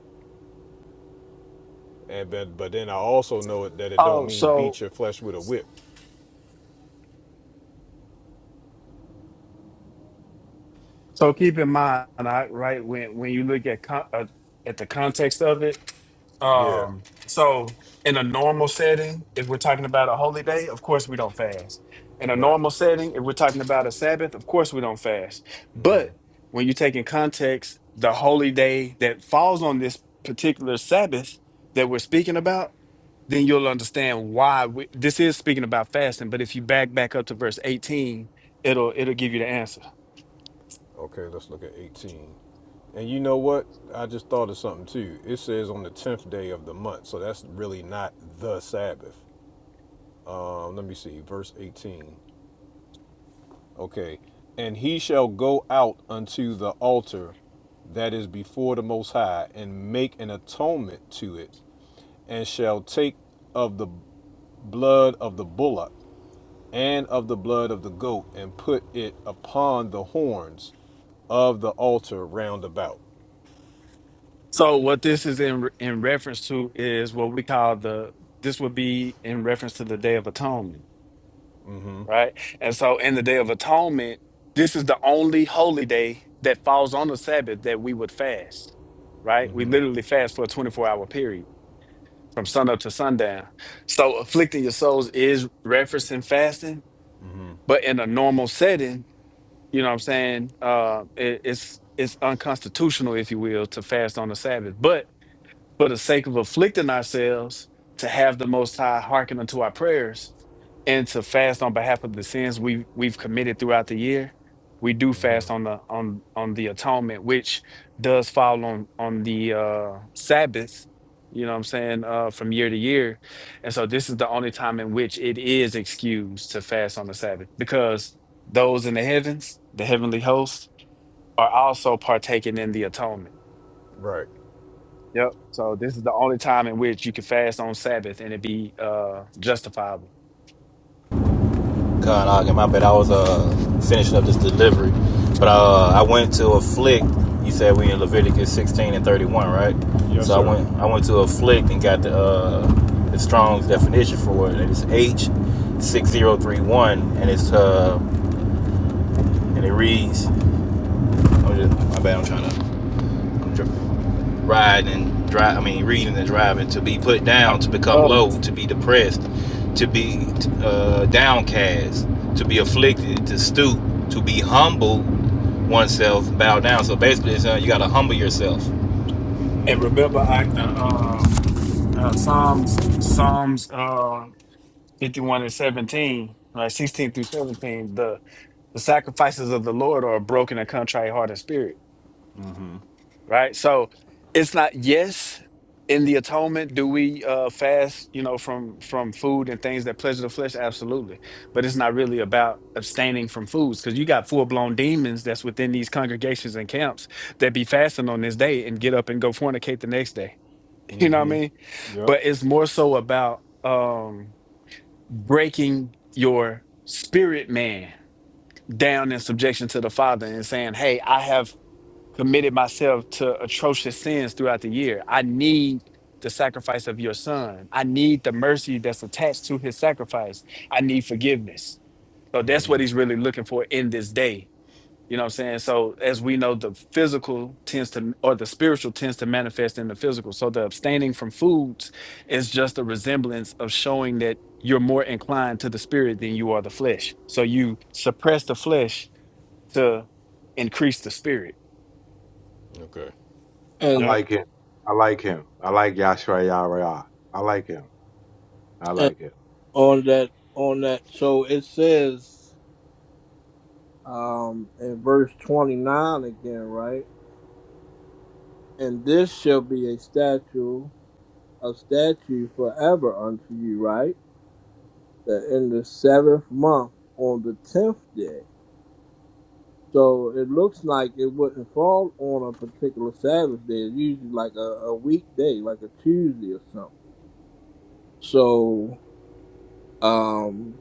and but but then I also know it, that it don't
Oh,
mean
so
beat your flesh with a whip.
So keep in mind, I, right when when you look at con- uh, at the context of it,
Yeah,
um, so in a normal setting, if we're talking about a holy day, of course we don't fast. In a
right.
normal setting, if we're talking about a Sabbath, of course we don't fast. But when you take in context the holy day that falls on this particular Sabbath that we're speaking about, then you'll understand why we, this is speaking about fasting. But if you back back up to verse eighteen, it'll it'll give you the answer.
Okay, let's look at 18. And you know what? I just thought of something too. It says on the 10th day of the month, so that's really not the Sabbath. Um, let me see, verse 18. Okay, and he shall go out unto the altar that is before the Most High and make an atonement to it, and shall take of the blood of the bullock and of the blood of the goat, and put it upon the horns of the altar round about.
So what this is in in reference to is what we call the this would be in reference to the Day of Atonement, right? And so in the Day of Atonement, this is the only holy day that falls on the Sabbath that we would fast, right? We literally fast for a 24-hour period from sunup to sundown. So afflicting your souls is referencing fasting, but in a normal setting, you know what I'm saying? Uh, it, it's it's unconstitutional, if you will, to fast on the Sabbath, but for the sake of afflicting ourselves, to have the Most High hearken unto our prayers, and to fast on behalf of the sins we we've committed throughout the year. We do fast on the on on the atonement, which does fall on on the uh, Sabbath. You know what I'm saying? Uh, from year to year, and so this is the only time in which it is excused to fast on the Sabbath because those in the heavens, the heavenly host, are also partaking in the atonement.
Right.
Yep. So this is the only time in which you can fast on Sabbath and it be uh justifiable.
Con My bad. I was uh finishing up this delivery, but uh, I went to a flick. You said we in Leviticus 16 and 31, right?
Yes,
So I
sir.
went I went to a flick and got the uh, the Strong's definition for it. It's H six zero three one, and it's uh and it reads. I'm just, my bad. I'm trying to. I'm dri- riding and drive. I mean, reading and driving to be put
I,
down, to become
Um,
low, to be depressed, to be uh, downcast, to be afflicted, to stoop, to be humble oneself, bow down. So basically, it's, uh, you got to humble yourself.
and remember, I the uh, uh, Psalms Psalms uh, 51 and 17, like 16 through 17, the the sacrifices of the Lord are a broken and contrite heart and spirit. right? So it's not yes in the atonement do we uh fast, you know, from from food and things that pleasure the flesh? Absolutely. But it's not really about abstaining from foods because you got full-blown demons that's within these congregations and camps that be fasting on this day and get up and go fornicate the next day. You know what
Mm-hmm.
I mean?
Yep.
But it's more so about um breaking your spirit man down in subjection to the father and saying, Hey, I have committed myself to atrocious sins throughout the year. I need the sacrifice of your son. I need the mercy that's attached to his sacrifice. I need forgiveness. So that's what he's really looking for in this day. You know what I'm saying? So as we know, the physical tends to or the spiritual tends to manifest in the physical. So the abstaining from foods is just a resemblance of showing that you're more inclined to the spirit than you are the flesh. So you suppress the flesh to increase the spirit.
Okay.
I
and
like him. I like him. I like Yashra Yara. I like him. I
and
like him.
on that on that, so it says um, in verse twenty nine again, right? And this shall be a statue, a statue forever unto you, right? That in the seventh month, on the tenth day So it looks like it wouldn't fall on a particular Sabbath day. It's usually like a, a weekday, like a Tuesday or something. So, um,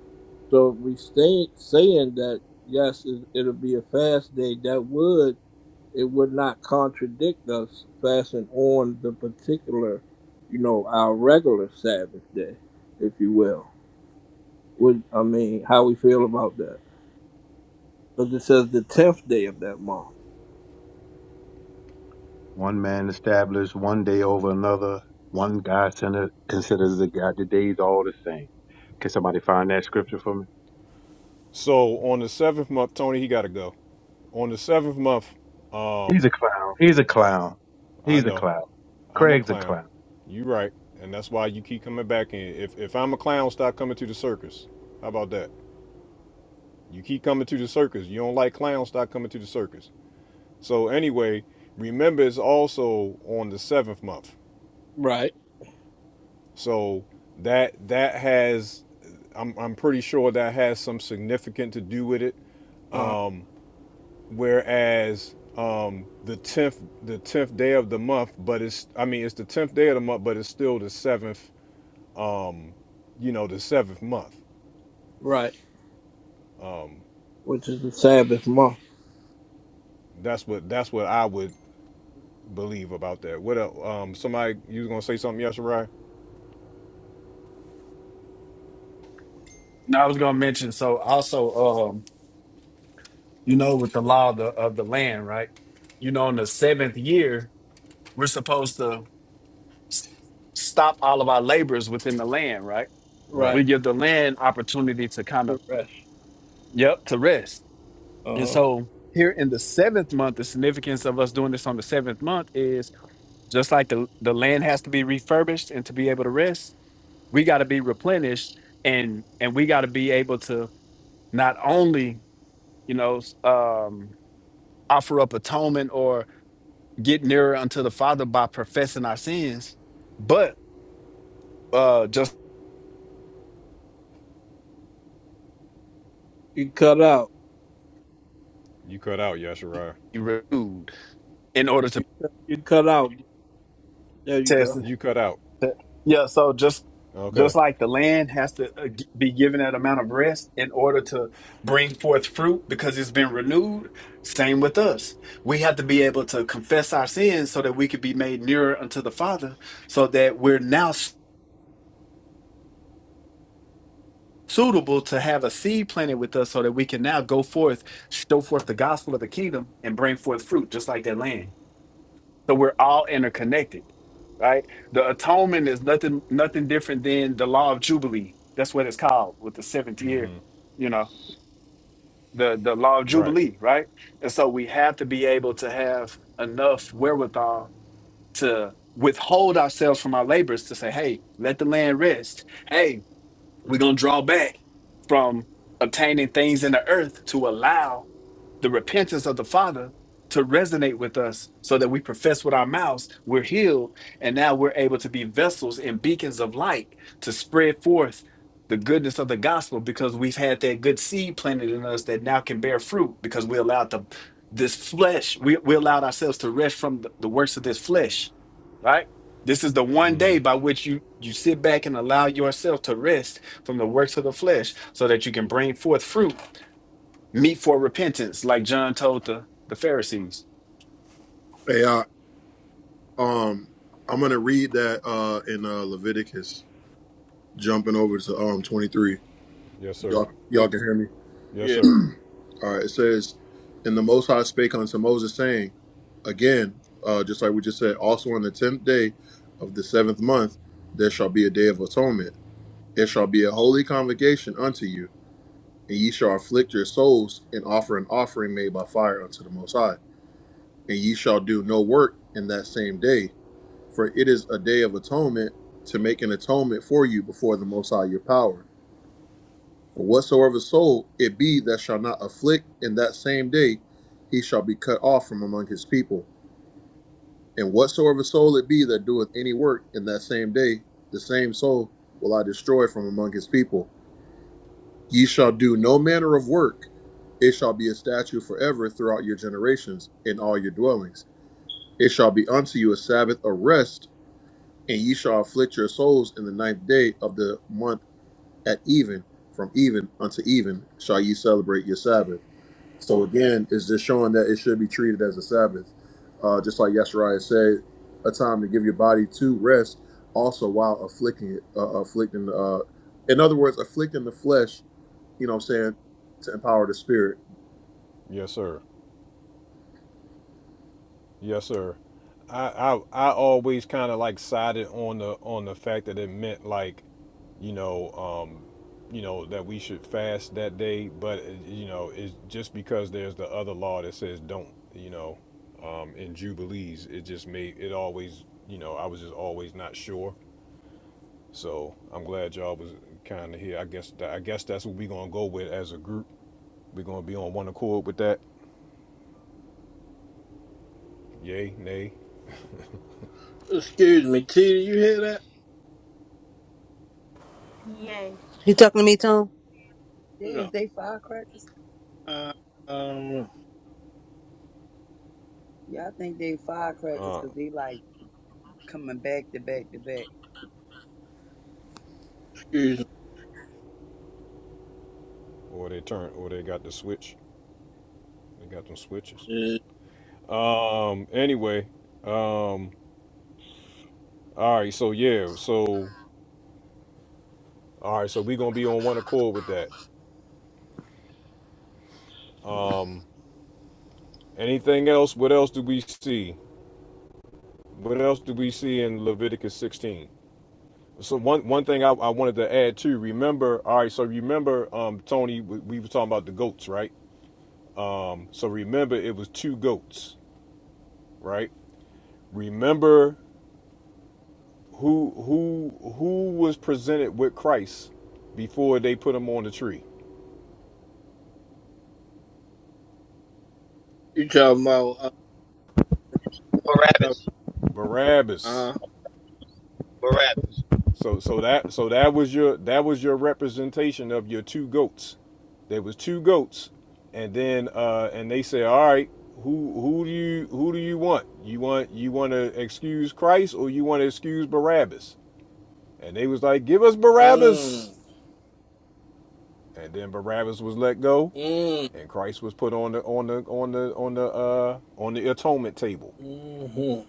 so if we stay saying that yes, it, it'll be a fast day. That would it would not contradict us fasting on the particular, you know, our regular Sabbath day, if you will. Would I mean how we feel about that? Because it says the tenth day of that month.
One man established one day over another. One God centered considers the God the days all the same. Can somebody find that scripture for me?
So on the seventh month, Tony, he got to go. On the seventh month,
He's a clown. He's a clown.
I
He's a
know
clown.
I'm a
Craig's a
clown.
clown.
You right, and that's why you keep coming back in. If if I'm a clown, stop coming to the circus. How about that? You keep coming to the circus. You don't like clowns, stop coming to the circus. So anyway, remember it's also on the seventh month.
Right.
So that that has I'm I'm pretty sure that has some significant to do with it.
Uh,
Whereas um, the tenth the tenth day of the month, but it's I mean it's the tenth day of the month, but it's still the seventh um, you know the seventh month.
right.
Um,
which is the Sabbath month.
that's what that's what I would believe about that. What else? um somebody you was gonna say something, Yashirai?
No, I was gonna mention. So also, um, you know, with the law of the, of the land, right? You know, in the seventh year, we're supposed to stop all of our labors within the land, right?
Right.
We
Right.
give the land opportunity to kind of,
Good rest.
yep, to rest.
Uh
And
huh.
so here in the seventh month, the significance of us doing this on the seventh month is just like the, the land has to be refurbished and to be able to rest, we got to be replenished and and we got to be able to not only, you know, s- um, offer up atonement or get nearer unto the Father by professing our sins, but uh just
You cut out.
You cut out, Yashirai.
be renewed in order to
You cut, you cut out. There you
test.
go.
You cut out.
Yeah, so just just
Okay.
like the land has to uh, g- be given that amount of rest in order to bring forth fruit because it's been renewed, same with us. We have to be able to confess our sins so that we could be made nearer unto the Father, so that we're now suitable to have a seed planted with us so that we can now go forth, show forth the gospel of the kingdom and bring forth fruit just like that land. So we're all interconnected, right? The atonement is nothing nothing different than the law of Jubilee. That's what it's called with the seventh year,
hmm
you know, the, the law of
Right.
Jubilee, right? And so we have to be able to have enough wherewithal to withhold ourselves from our labors to say, hey, let the land rest. Hey, we're going to draw back from obtaining things in the earth to allow the repentance of the Father to resonate with us so that we profess with our mouths, we're healed, and now we're able to be vessels and beacons of light to spread forth the goodness of the gospel because we've had that good seed planted in us that now can bear fruit because we allowed the this flesh, we, we allowed ourselves to rest from the the works of this flesh right? This is the one day by which you you sit back and allow yourself to rest from the works of the flesh so that you can bring forth fruit, meet for repentance, like John told the, the Pharisees.
Hey, I, um, I'm gonna read that uh in uh, Leviticus, jumping over to um 23.
Yes, sir.
Y'all, y'all
Okay.
can hear me.
Yes,
Yeah.
sir.
All right, it says, "And the Most High spake unto Moses, saying, again, uh, just like we just said, also on the tenth day of the seventh month, there shall be a day of atonement. It shall be a holy convocation unto you, and ye shall afflict your souls and offer an offering made by fire unto the Most High. And ye shall do no work in that same day. For it is a day of atonement to make an atonement for you before the Most High your power. For whatsoever soul it be that shall not afflict in that same day, he shall be cut off from among his people. And whatsoever soul it be that doeth any work in that same day, the same soul will I destroy from among his people. Ye shall do no manner of work. It shall be a statute forever throughout your generations in all your dwellings. It shall be unto you a Sabbath of rest and ye shall afflict your souls in the ninth day of the month at even, from even unto even shall ye celebrate your Sabbath. So again, it's just showing that it should be treated as a Sabbath. Uh, just like Yeshariah said, a time to give your body to rest, also while afflicting it, uh, afflicting, uh, in other words, afflicting the flesh, you know what I'm saying, to empower the spirit.
Yes, sir. Yes, sir. I I, I always kind of like sided on the on the fact that it meant like, you know, um, you know that we should fast that day, but uh, you know, it's just because there's the other law that says don't, you know, um, in jubilees, it just made it always, you know, I was just always not sure. So I'm glad y'all was kind of here. I guess tha- I guess that's what we are gonna go with as a group. We're gonna be on one accord with that. Yay, nay.
Excuse me, T. Do you hear that?
Yay.
You talking to me, Tom?
Yeah, is
No.
they firecrackers?
Uh, um.
Yeah, I think they firecrackers
Uh,
because they like coming back to back to back.
Excuse
or they turn or they got the switch they got them switches
me. Uh,
um anyway um all right so yeah so all right so we gonna be on one accord with that um anything else what else do we see what else do we see in leviticus 16 so one one thing I, I wanted to add too remember all right so remember um tony we, we were talking about the goats right um, so remember it was two goats right remember Who who who was presented with Christ before they put him on the tree?
You talking about? Uh. Talking,
Barabbas.
Barabbas.
uh
Barabbas.
So so that so that was your that was your representation of your two goats. There was two goats, and then uh, and they said, all right, who who do you who do you want? You want you want to excuse Christ or you want to excuse Barabbas? And they was like, give us Barabbas.
mm.
And then Barabbas was let go,
Mm.
and Christ was put on the on the on the on the uh, on the atonement table.
Mm-hmm.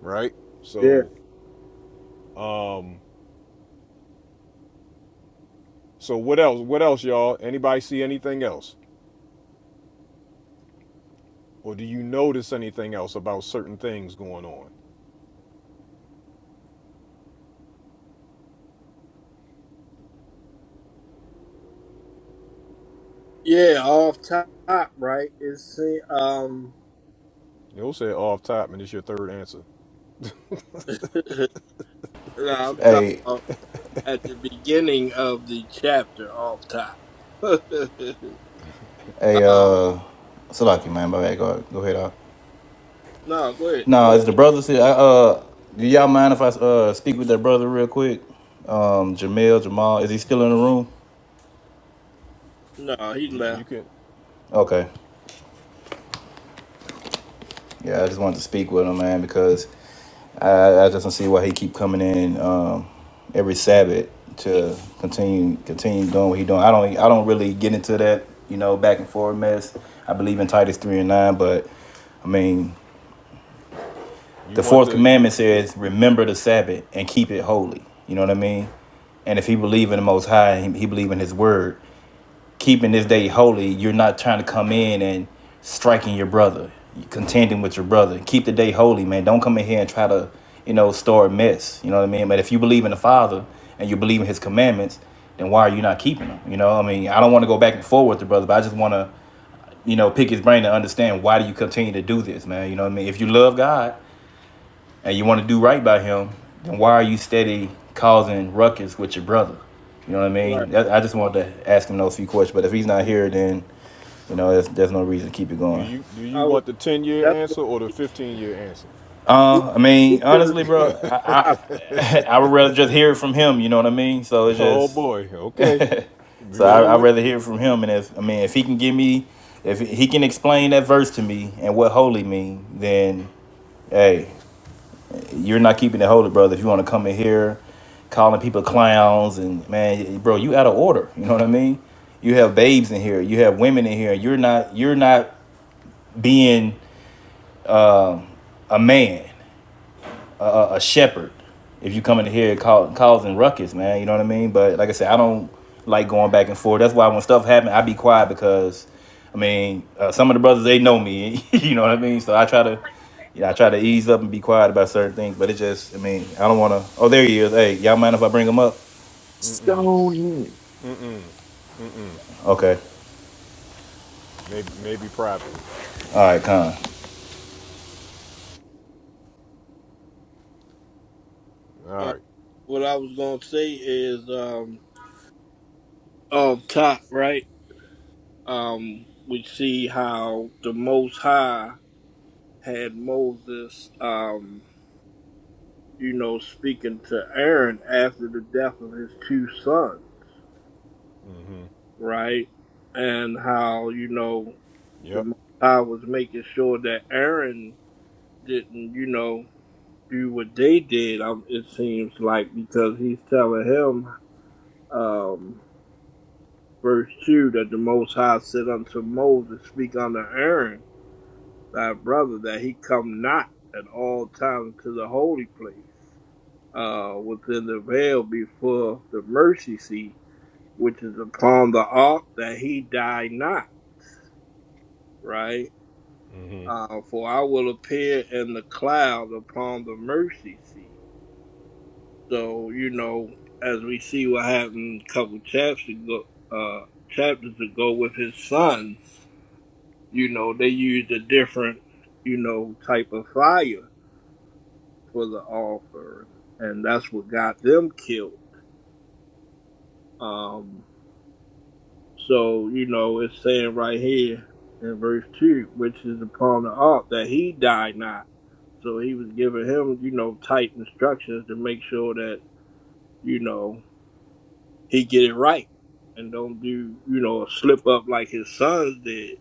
right?
Yeah.
So, um, so what else? What else, y'all? Anybody see anything else, or do you notice anything else about certain things going on?
Yeah. Off top, right? It's uh, um.
You'll say off top, and it's your third answer.
no, I'm talking
Hey,
about at the beginning of the chapter. Off top.
hey,
um.
uh, Salaki, man, my bad. Go, go ahead. Uh.
No, go ahead,
No,
go
it's
ahead.
the brothers here. I, uh, do y'all mind if I uh speak with that brother real quick? Um, Jamel, Jamal, is he still in the room?
No, he
You you
left.
can,
Okay. Yeah, I just wanted to speak with him, man, because I, I just don't see why he keep coming in um, every Sabbath to continue continue doing what he doing. I don't I don't really get into that you know back and forth mess. I believe in Titus three and nine, but I mean
you
the
want
fourth
the you,
commandment says remember the Sabbath and keep it holy. You know what I mean? And if he believe in the Most High, he, he believe in His Word keeping this day holy, you're not trying to come in and striking your brother, contending with your brother. Keep the day holy, man. Don't come in here and try to, you know, start mess. You know what I mean? But if you believe in the Father and you believe in His commandments, then why are you not keeping them? You know, I mean, I don't want to go back and forth with the brother, but I just want to, you know, pick his brain to understand why do you continue to do this, man? You know what I mean? If you love God and you want to do right by Him, then why are you steady causing ruckus with your brother? You know what I
Right.
mean? I just wanted to ask him those few questions, but if he's not
do,
here, then you know, there's, there's no reason to keep it
do
going.
you do
I
you
was.
want the ten year
That's why
answer or the
he,
fifteen year answer?
he,
Uh, I
he
mean,
should have
honestly, bro, I,
stayed
I
out.
I would rather just hear it from him. You know what I mean? So it's
Oh
just,
boy, okay.
so I
Remember
I would
what?
rather hear it from him. And if I mean, if he can give me, if he can explain that verse to me and what holy mean, then hey,
Mm
you're not keeping it holy, brother. If you want to come in here, calling people clowns and man, bro, you out of order. You know what I mean? You have babes in here, you have women in here. You're not you're not being a man. a shepherd if you coming here and call, causing ruckus, man. You know what I mean? But like I said, I don't like going back and forth. That's why when stuff happens, I be quiet because, I mean, uh, some of the brothers they know me. you know what I mean? So I try to, you know, I try to ease up and be quiet about certain things. But it just, I mean, I don't want to. Oh, there he is. Hey, y'all mind if I bring him up?
mm
Stone
mm mm. mm
Okay.
Maybe maybe privately.
All right, Con.
uh,
All right.
what I was gonna say is, um, up top, right? Um, we see how the Most High had Moses, um, you know, speaking to Aaron after the death of his two sons,
Mm hmm.
right? And how you know the
Yep.
Most High was making sure that Aaron didn't, you know, do what they did. Um, it seems like because he's telling him, um, verse two, that the Most High said unto Moses, "Speak unto Aaron, thy brother, that he come not at all times to the holy place, uh, within the veil before the mercy seat, which is upon the ark, that he die not." Right.
Mm
Uh, for I will appear in the cloud upon the mercy seat. So you know, as we see what happened a couple chapters ago, uh, chapters ago with his sons, you know, they used a different, you know, type of fire for the altar, and that's what got them killed. Um, so you know, it's saying right here in verse two, which is upon the ark that he died not. So he was giving him, you know, tight instructions to make sure that you know. he get it right and don't do you know slip up like his sons did.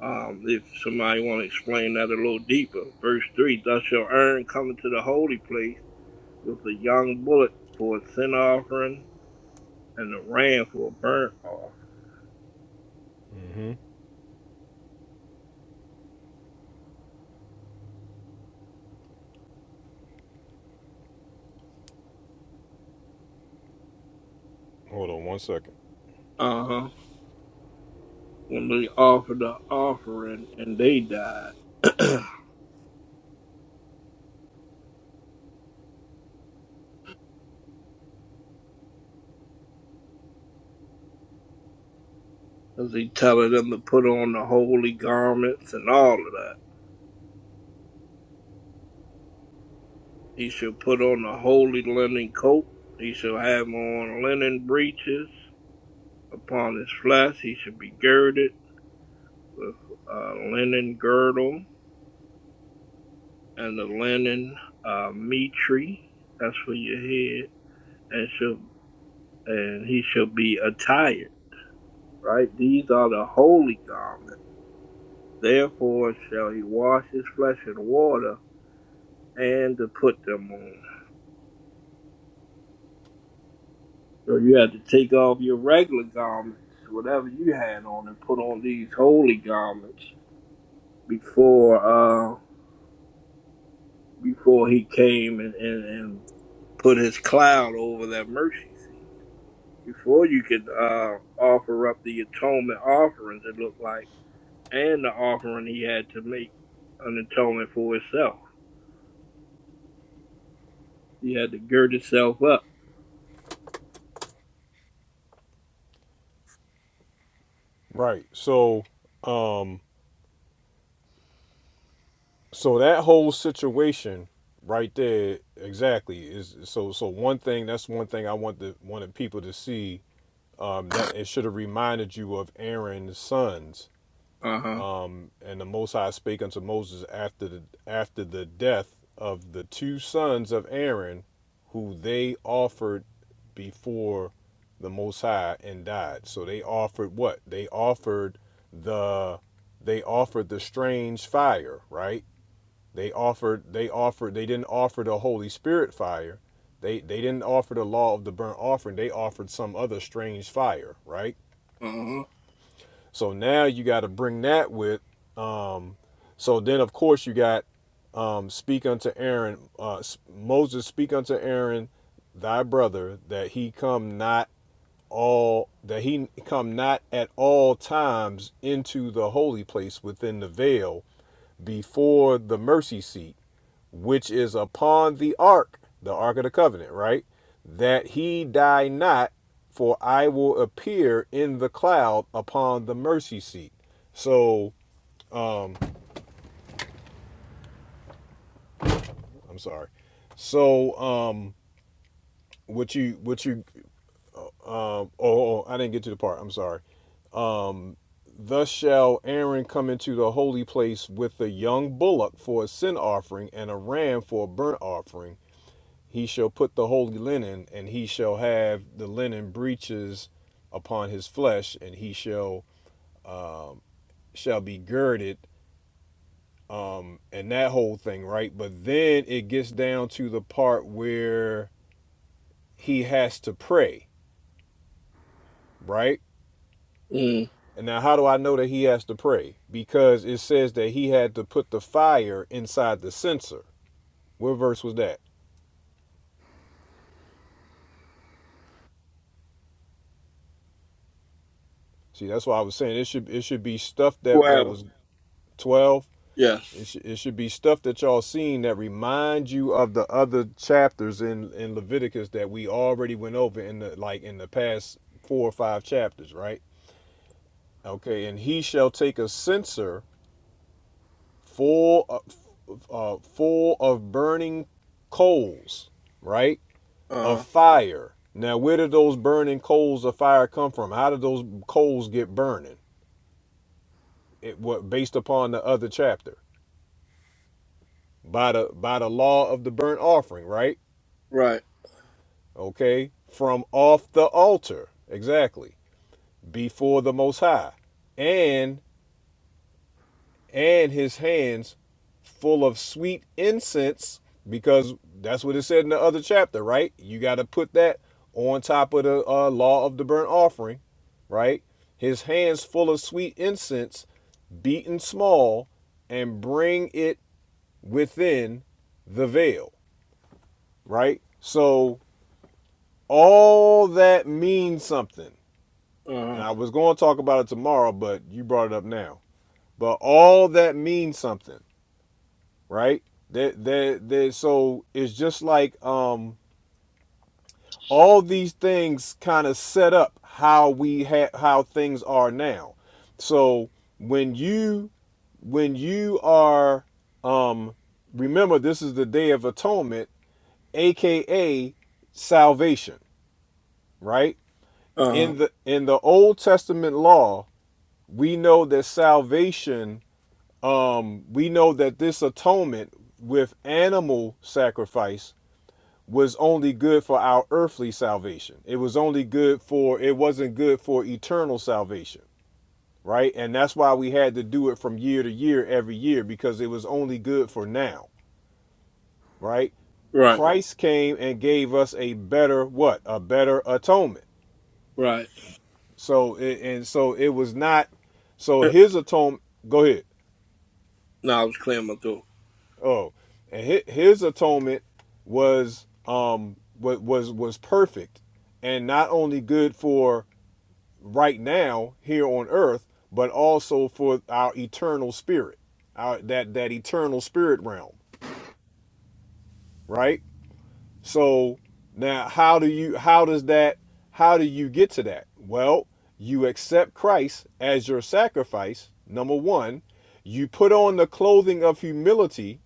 Um, if somebody want to explain that a little deeper, verse three: Thus shall Aaron come into the holy place with a young bullock for a sin offering and a ram for a burnt offering.
Mm hmm. hmm. Hold on one second.
Uh huh. When they offered the offering and they died, as he telling them to put on the holy garments and all of that. He shall put on the holy linen coat. He shall have on linen breeches. Upon his flesh he should be girded with a linen girdle and a linen uh, mitre. That's for your head, and shall and he shall be attired. Right, these are the holy garments. Therefore shall he wash his flesh in water and to put them on. So you have to take off your regular garments, whatever you had on, and put on these holy garments before uh before he came and, and, and put his cloud over that mercy seat. Before you could uh, offer up the atonement offerings, it looked like, and the offering he had to make an atonement for himself. He had to gird himself up.
Right. So so that whole situation right there exactly is so so one thing that's one thing I want the wanted people to see um, that it should have reminded you of Aaron's sons.
Uh huh.
Um, and the Most High spake unto Moses after the after the death of the two sons of Aaron, who they offered before the Most High and died. So they offered what? They offered the they offered the strange fire, right? They offered they offered they didn't offer the Holy Spirit fire. They they didn't offer the law of the burnt offering. They offered some other strange fire, right?
Uh huh.
So now you got to bring that with um so then of course you got um speak unto Aaron uh Moses speak unto Aaron thy brother that he come not all that he come not at all times into the holy place within the veil before the mercy seat which is upon the ark, the ark of the covenant, right? That he die not, for I will appear in the cloud upon the mercy seat. So I'm sorry. So um what you what you um oh, oh oh, I didn't get to the part. I'm sorry. Thus shall Aaron come into the holy place with a young bullock for a sin offering and a ram for a burnt offering He shall put the holy linen, and he shall have the linen breeches upon his flesh, and he shall um, shall be girded, um, and that whole thing, right? But then it gets down to the part where he has to pray, right?
Mm.
And now, how do I know that he has to pray? Because it says that he had to put the fire inside the censer. What verse was that? See, that's why I was saying it should it should be stuff that that
Well,
was twelve. It,
yes.
sh- it should be stuff that y'all seen that remind you of the other chapters in in Leviticus that we already went over in the like in the past four or five chapters, right? Okay, and he shall take a censer full of, uh, full of burning coals, right?
Uh
Of
huh.
fire. Now, where did those burning coals of fire come from? How did those coals get burning? It what based upon the other chapter by the by the law of the burnt offering, right?
Right.
okay, from off the altar, exactly, before the Most High, and and his hands full of sweet incense, because that's what it said in the other chapter, right? You got to put that on top of the uh, law of the burnt offering, right? His hands full of sweet incense, beaten small, and bring it within the veil, right? So all that means something.
Uh
And
huh.
I was going to talk about it tomorrow, but you brought it up now. But all that means something, right? That that that so it's just like um all these things kind of set up how we ha- how things are now. So when you when you are um remember this is the day of atonement, aka salvation, right?
Uh huh.
In the in the Old Testament law, we know that salvation um, we know that this atonement with animal sacrifice was only good for our earthly salvation. It was only good for, it wasn't good for eternal salvation, right? And that's why we had to do it from year to year every year because it was only good for now, right?
Right.
Christ came and gave us a better what? A better atonement.
Right.
So, and so it was not, so his atonement, go ahead.
Now I was clearing my throat.
Oh, and his, his atonement was um wa- was was perfect, and not only good for right now here on earth, but also for our eternal spirit, our that that eternal spirit realm, right? So now, how do you how does that how do you get to that? Well, you accept Christ as your sacrifice. Number one, you put on the clothing of humility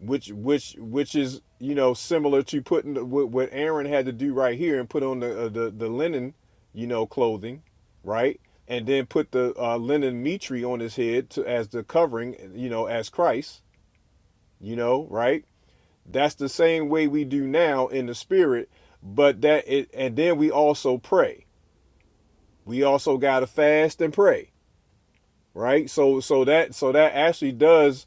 which which which is you know similar to putting the, what, what Aaron had to do right here and put on the uh, the, the linen, you know, clothing, right, and then put the uh, linen mitre on his head to, as the covering, you know, as Christ, you know, right. That's the same way we do now in the spirit, but that it and then we also pray. We also gotta fast and pray, right? So so that so that actually does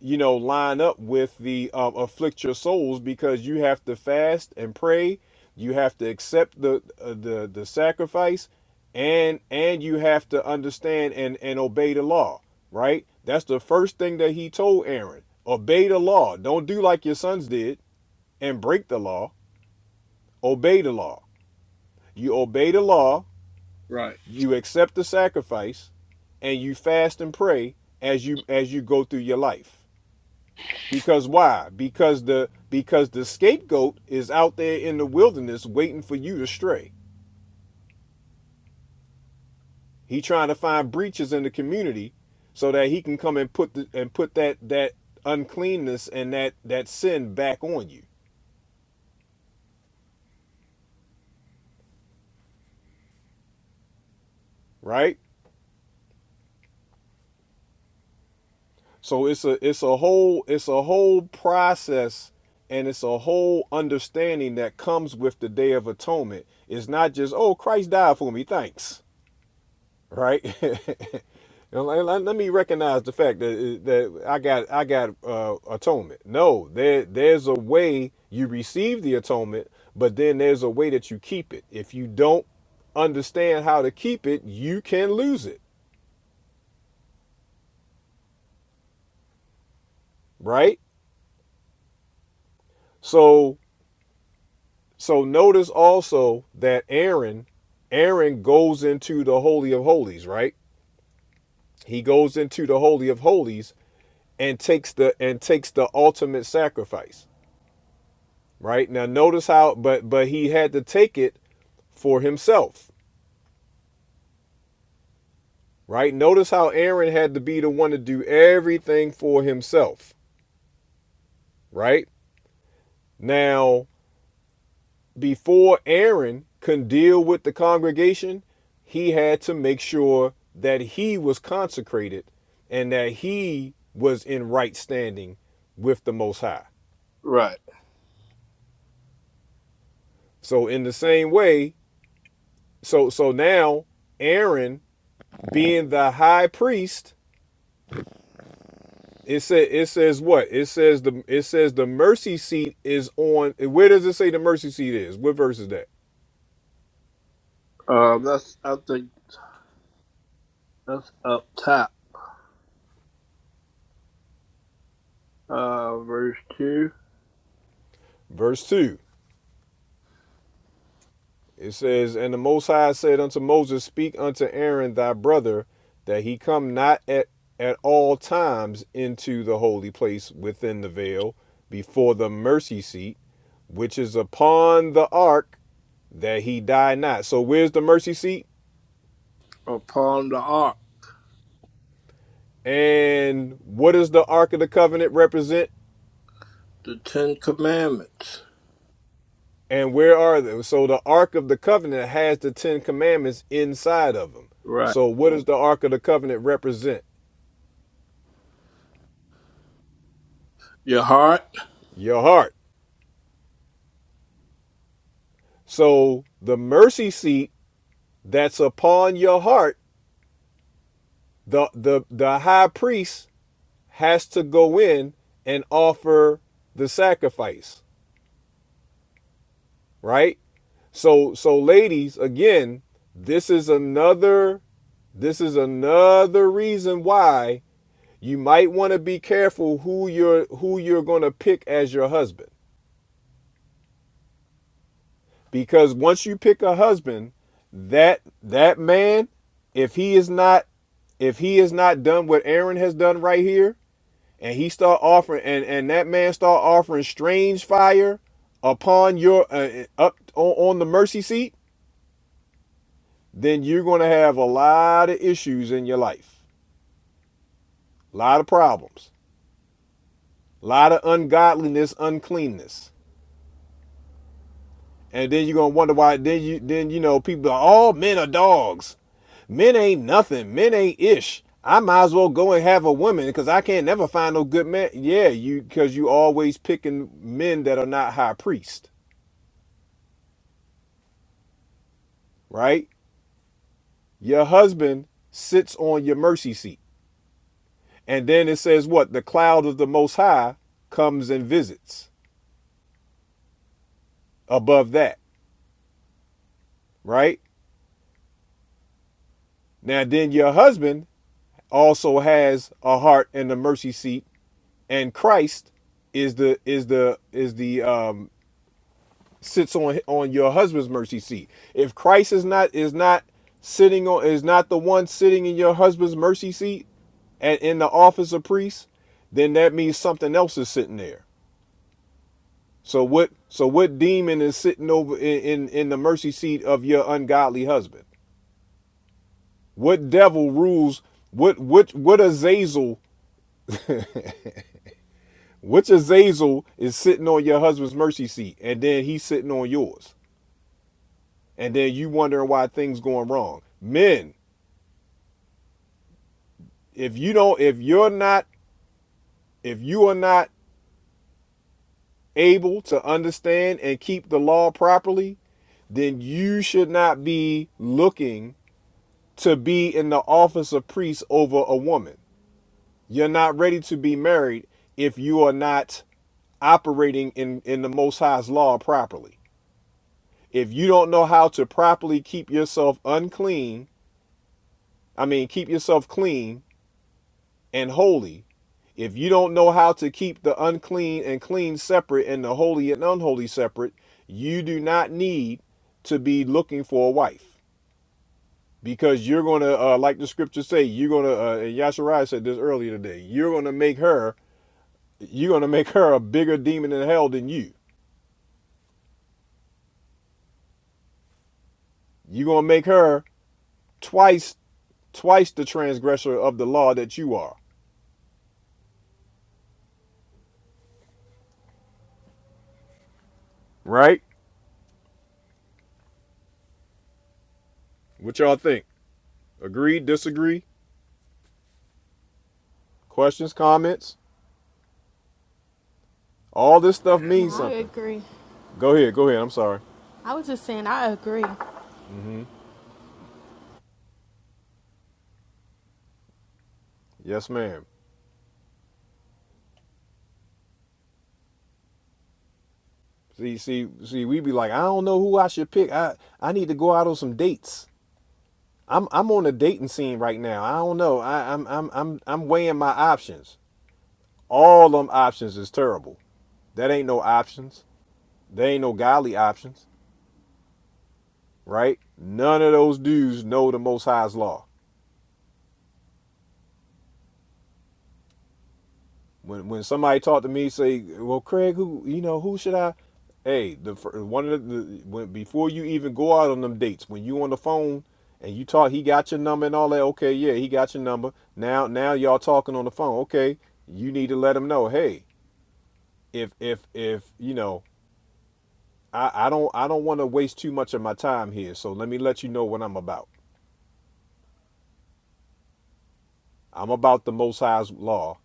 you know, line up with the um, afflict your souls because you have to fast and pray, you have to accept the uh, the the sacrifice, and and you have to understand and and obey the law, right? That's the first thing that he told Aaron: obey the law. Don't do like your sons did and break the law. Obey the law. You obey the law.
Right.
You accept the sacrifice, and you fast and pray as you as you go through your life. Because why? Because the because the scapegoat is out there in the wilderness waiting for you to stray. He trying to find breaches in the community so that he can come and put the, and put that that uncleanness and that that sin back on you, right? So it's a it's a whole it's a whole process and it's a whole understanding that comes with the day of atonement. It's not just oh Christ died for me, thanks right? And let, let- let me recognize the fact that uh, that I got I got uh, atonement. No, there there's a way you receive the atonement, but then there's a way that you keep it. If you don't understand how to keep it, you can lose it, right? So so notice also that Aaron Aaron goes into the holy of holies, right? He goes into the holy of holies and takes the and takes the ultimate sacrifice. right? Now notice how but but he had to take it for himself, right? Notice how Aaron had to be the one to do everything for himself, right? Now, before Aaron could deal with the congregation, he had to make sure that he was consecrated and that he was in right standing with the most high.
Right.
So in the same way, so so now Aaron being the high priest It says it says what? It says the it says the mercy seat is on. Where does it say the mercy seat is? What verse is that?
Uh, that's I think that's up top. Uh, verse two
Verse two. It says, and the Most High said unto Moses, Speak unto Aaron thy brother, that he come not at at all times into the holy place within the veil before the mercy seat, which is upon the ark, that he die not. So where's the mercy seat?
upon the ark.
And what does the ark of the covenant represent?
The Ten Commandments.
And where are they? So the Ark of the Covenant has the Ten Commandments inside of them.
Right.
So what does the Ark of the Covenant represent?
Your heart.
Your heart. So the mercy seat that's upon your heart, the the the high priest has to go in and offer the sacrifice, right? So so ladies, again, this is another this is another reason why you might want to be careful who you're who you're going to pick as your husband because once you pick a husband that that man if he is not if he is not done what aaron has done right here and he start offering and and that man start offering strange fire upon your uh, uh, up on, on the mercy seat then you're going to have a lot of issues in your life a lot of problems a lot of ungodliness uncleanness And then you're gonna wonder why then you then you know people are all men are dogs. Men ain't nothing. Men ain't ish. I might as well go and have a woman because I can't never find no good man. Yeah, you because you always picking men that are not high priest, right? Your husband sits on your mercy seat. And then it says what? The cloud of the most high comes and visits above that, right? Now then your husband also has a heart in the mercy seat and Christ is the is the is the um sits on on your husband's mercy seat. If Christ is not is not sitting on is not the one sitting in your husband's mercy seat and in the office of priest, then that means something else is sitting there. So what so what demon is sitting over in in, in the mercy seat of your ungodly husband? What devil rules what what what Azazel which Azazel is sitting on your husband's mercy seat and then he's sitting on yours? and then you wondering why things going wrong. Men, if you don't if you're not if you are not able to understand and keep the law properly, then you should not be looking to be in the office of priest over a woman. You're not ready to be married if you are not operating in, in the Most High's law properly. If you don't know how to properly keep yourself unclean, I mean, keep yourself clean and holy, if you don't know how to keep the unclean and clean separate and the holy and unholy separate, you do not need to be looking for a wife because you're going to, uh, like the scriptures say, you're going to, uh, and Yasharai said this earlier today, you're going to make her, you're going to make her a bigger demon in hell than you. You're going to make her twice, twice the transgressor of the law that you are, right? What y'all think? Agree, disagree, questions, comments? All this stuff
That's
No,
means
I
where-
something.
agree.
Go ahead, go ahead. I'm sorry.
I was just saying, I agree.
hmm Yes, ma'am. See, see, see. We be like, I don't know who I should pick. I I need to go out on some dates. I'm I'm on a dating scene right now. I don't know. I, I'm I'm I'm I'm weighing my options. All them options is terrible. That ain't no options. There ain't no godly options, right? None of those dudes know the Most High's law. when when somebody talk to me say well craig who you know who should i hey the fir- one of the when before you even go out on them dates when you on the phone and you talk he got your number and all that okay yeah he got your number now now y'all talking on the phone okay you need to let him know hey if if if you know i i don't i don't want to waste too much of my time here so let me let you know what i'm about i'm about the most high's law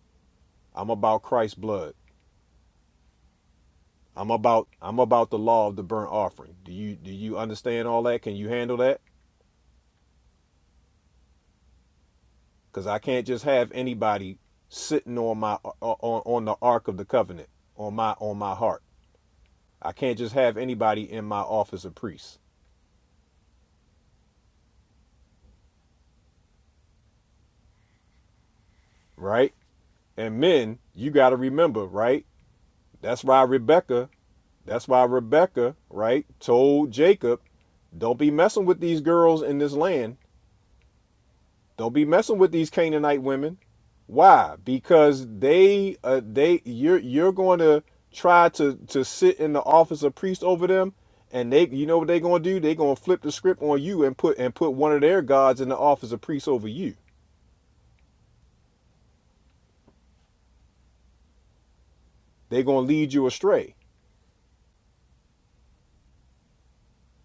i'm about christ's blood I'm about I'm about the law of the burnt offering. Do you do you understand all that? Can you handle that? Because I can't just have anybody sitting on my on on the ark of the covenant on my on my heart. I can't just have anybody in my office of priest, right? And men, you got to remember, right? That's why Rebecca. That's why Rebecca, right, told Jacob, "Don't be messing with these girls in this land Don't be messing with these Canaanite women. Why? Because they uh, they you're you're going to try to to sit in the office of priest over them, and they you know what they're going to do? They're going to flip the script on you and put and put one of their gods in the office of priest over you. They're going to lead you astray,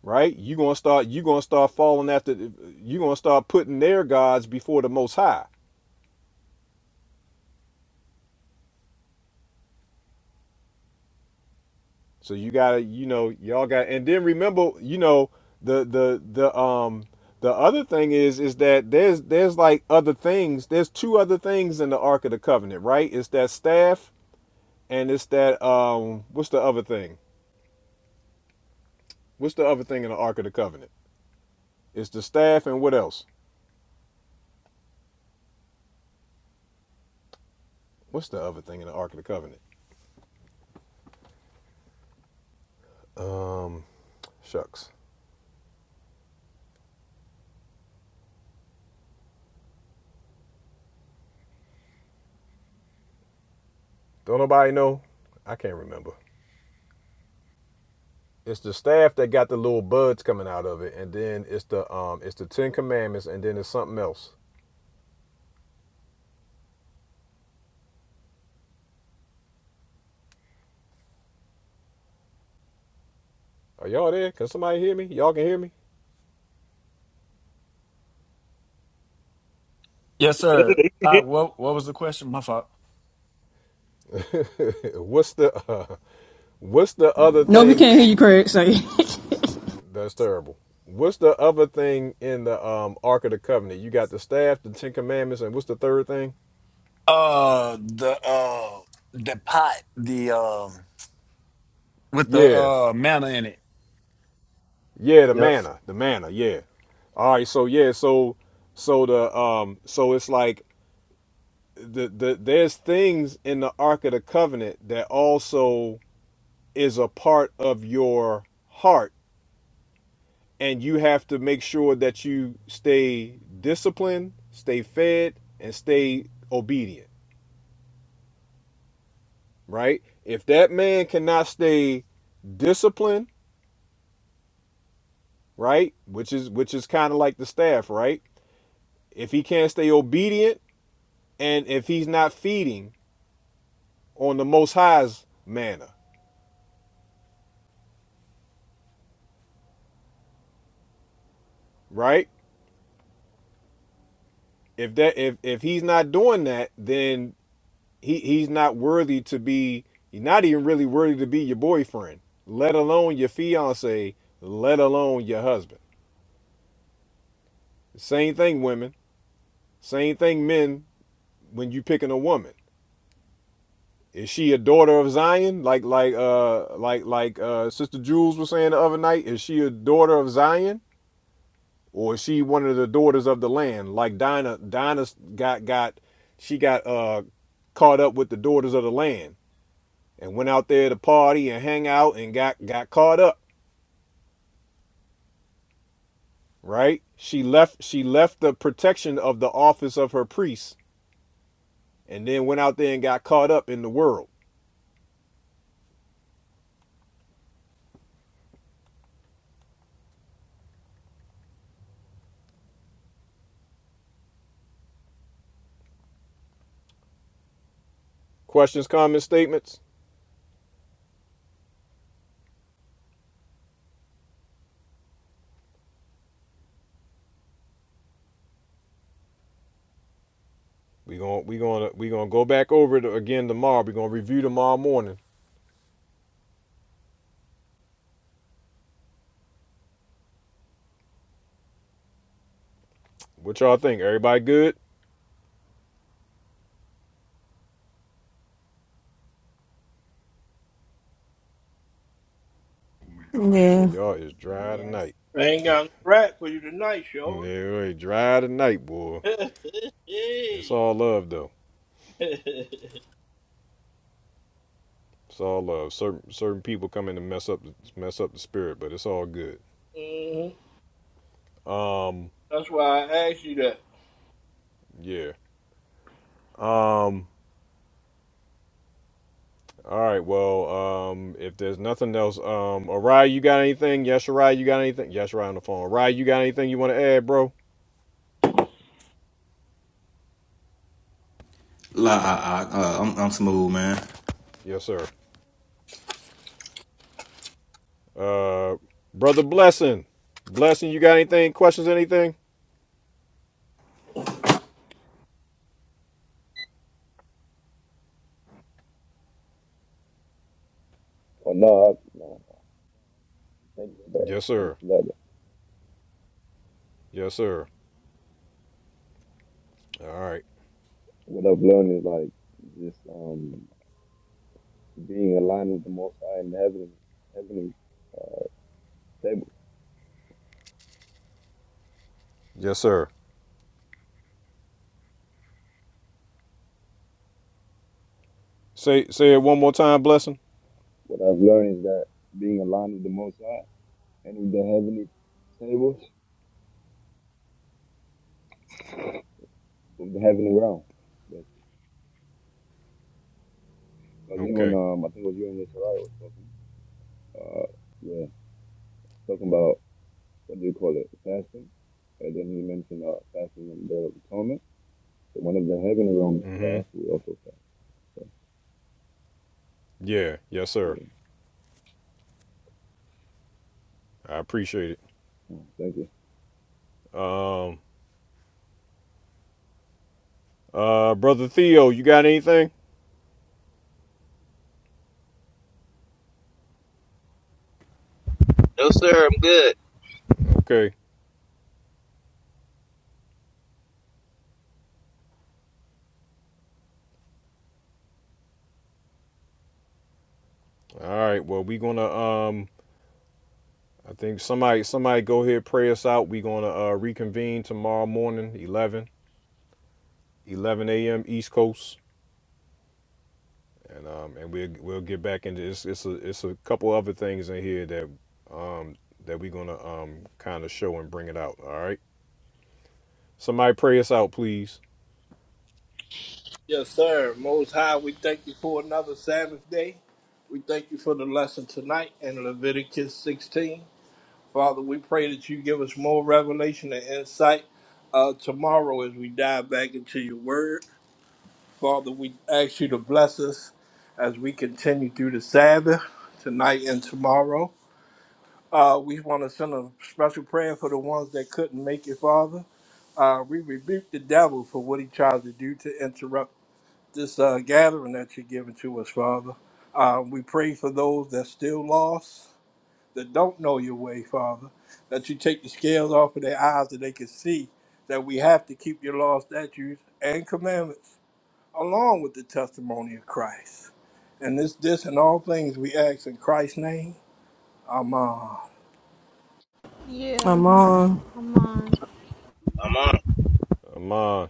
right? You're going to start you're going to start falling after you're going to start putting their gods before the Most High So you gotta, you know, y'all got, and then remember, you know, the the the um the other thing is is that there's there's like other things. There's two other things in the Ark of the Covenant, right? It's that staff, and it's that um what's the other thing? What's the other thing in the Ark of the Covenant? It's the staff, and what else? What's the other thing in the Ark of the Covenant? Um, shucks, don't nobody know. I can't remember. It's the staff that got the little buds coming out of it, and then it's the um it's the Ten Commandments, and then it's something else. Are y'all there? Can somebody hear me? Y'all can hear me?
Yes, sir. All right,
I
what what was the question? My fault.
what's the uh, what's the other
No, we
thing
can't hear you, Craig. Sorry.
that's terrible? What's the other thing in the um, Ark of the Covenant? You got the staff, the Ten Commandments, and what's the third thing?
Uh the uh the pot, the um with the
Yeah,
uh manna in
yeah, the
it.
manna, the manna, yeah. All right, so yeah, so so the um so it's like the the there's things in the Ark of the Covenant that also is a part of your heart and you have to make sure that you stay disciplined, stay fed, and stay obedient, right? If that man cannot stay disciplined, right, which is which is kind of like the staff, right? If he can't stay obedient and if he's not feeding on the most high's manner, right? If that if if he's not doing that, then He he's not worthy to be. He's not even really worthy to be your boyfriend, let alone your fiance, let alone your husband. Same thing, women. Same thing, men. When you picking a woman, is she a daughter of Zion? Like like uh like like uh Sister Jules was saying the other night. Is she a daughter of Zion, or is she one of the daughters of the land? Like Dinah Dinah got got she got uh caught up with the daughters of the land and went out there to party and hang out and got got caught up right? She left she left the protection of the office of her priest and then went out there and got caught up in the world. Questions, comments, statements? We going we going to we going to go back over it again tomorrow. We're going to review tomorrow morning. What y'all think? Everybody good? Boy,
Yeah,
y'all is dry
Yes,
tonight.
ain't got no rap for you tonight, shorty.
Yeah, dry tonight, boy. It's all love though. It's all love. Certain certain people come in to mess up mess up the spirit, but it's all good.
Mhm.
Um,
That's why I asked you that.
yeah. Um. All right. Well, um, if there's nothing else, um, Arai, you got anything? Yes, Arai, you got anything? Yes, Arai on the phone. Arai, you got anything you want to add, bro?
La, I, I, uh, I'm, I'm smooth, man.
Yes, sir. Uh, brother Blessing, Blessing, you got anything? Questions? Anything?
Or no, I- no, thanks though.
Yes,
Thanks
sir.
for that.
Yes, sir. All right.
What I've learned is like just um being aligned with the Most High in heaven, heavenly table.
Yes, sir. Say say it one more time, Blessing.
What I've learned is that being aligned with the Most High and with the heavenly tables of the heavenly realm. Because you and
Okay.
um, I think it was you and Yisrael was talking. Uh, yeah, talking about what do you call it, fasting. And then he mentioned uh, fasting and the Day of atonement. So one of the heavenly realms
Mm-hmm.
fast, we also fast. So
Yeah. Yes, sir.
yeah,
I appreciate it.
Oh, thank you.
Um, uh, brother Theo, you got anything?
No, sir. I'm good.
Okay. All right. Well, we gonna um I think somebody somebody go ahead pray us out. We're gonna uh, reconvene tomorrow morning, 11, a.m. East Coast, and um, and we'll we'll get back into it's it's a it's a couple other things in here that um that we're gonna um kind of show and bring it out. All right, somebody pray us out, please.
Yes, sir. Most High, we thank you for another Sabbath day. We thank you for the lesson tonight in Leviticus 16. Father, we pray that you give us more revelation and insight uh, tomorrow as we dive back into your word. Father, we ask you to bless us as we continue through the Sabbath tonight and tomorrow. Uh, we want to send a special prayer for the ones that couldn't make it, Father. Uh, we rebuke the devil for what he tried to do to interrupt this uh, gathering that you're giving to us, Father. Uh, we pray for those that still lost, that don't know your way, Father, that you take the scales off of their eyes that they can see that we have to keep your laws, statutes, and commandments along with the testimony of Christ. And this, this, and all things we ask in Christ's name. Amen.
Yeah,
I'm on.
I'm on.
I'm on.
man.
Amon.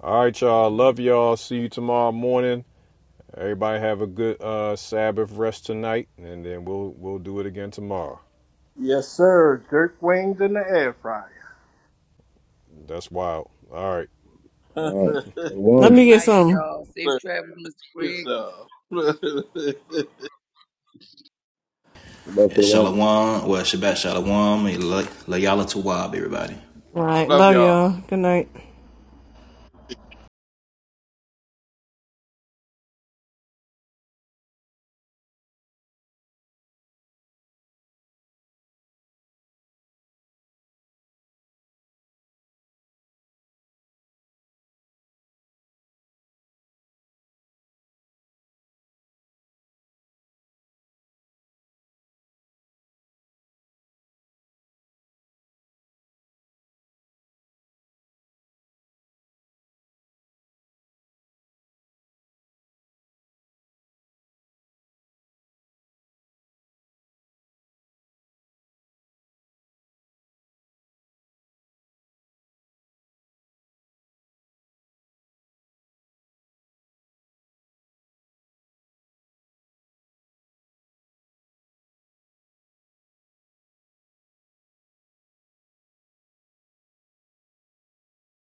All right, y'all.
Uh,
Love y'all. See you tomorrow morning. Everybody have a good uh, Sabbath rest tonight, and then we'll we'll do it again tomorrow.
Yes, sir. Jerk wings in the air fryer.
That's wild. All right.
All right.
Let
Good
Shalom.
me get
night,
some.
y'all. Safe travels, Mr.
yes,
Craig.
sir.
Shabbat
Yeah, Shalom,
shalom.
well, Shabbat shalawam. and La, La Yala Tawab, everybody.
All right,
Love
love
y'all.
y'all. Good night.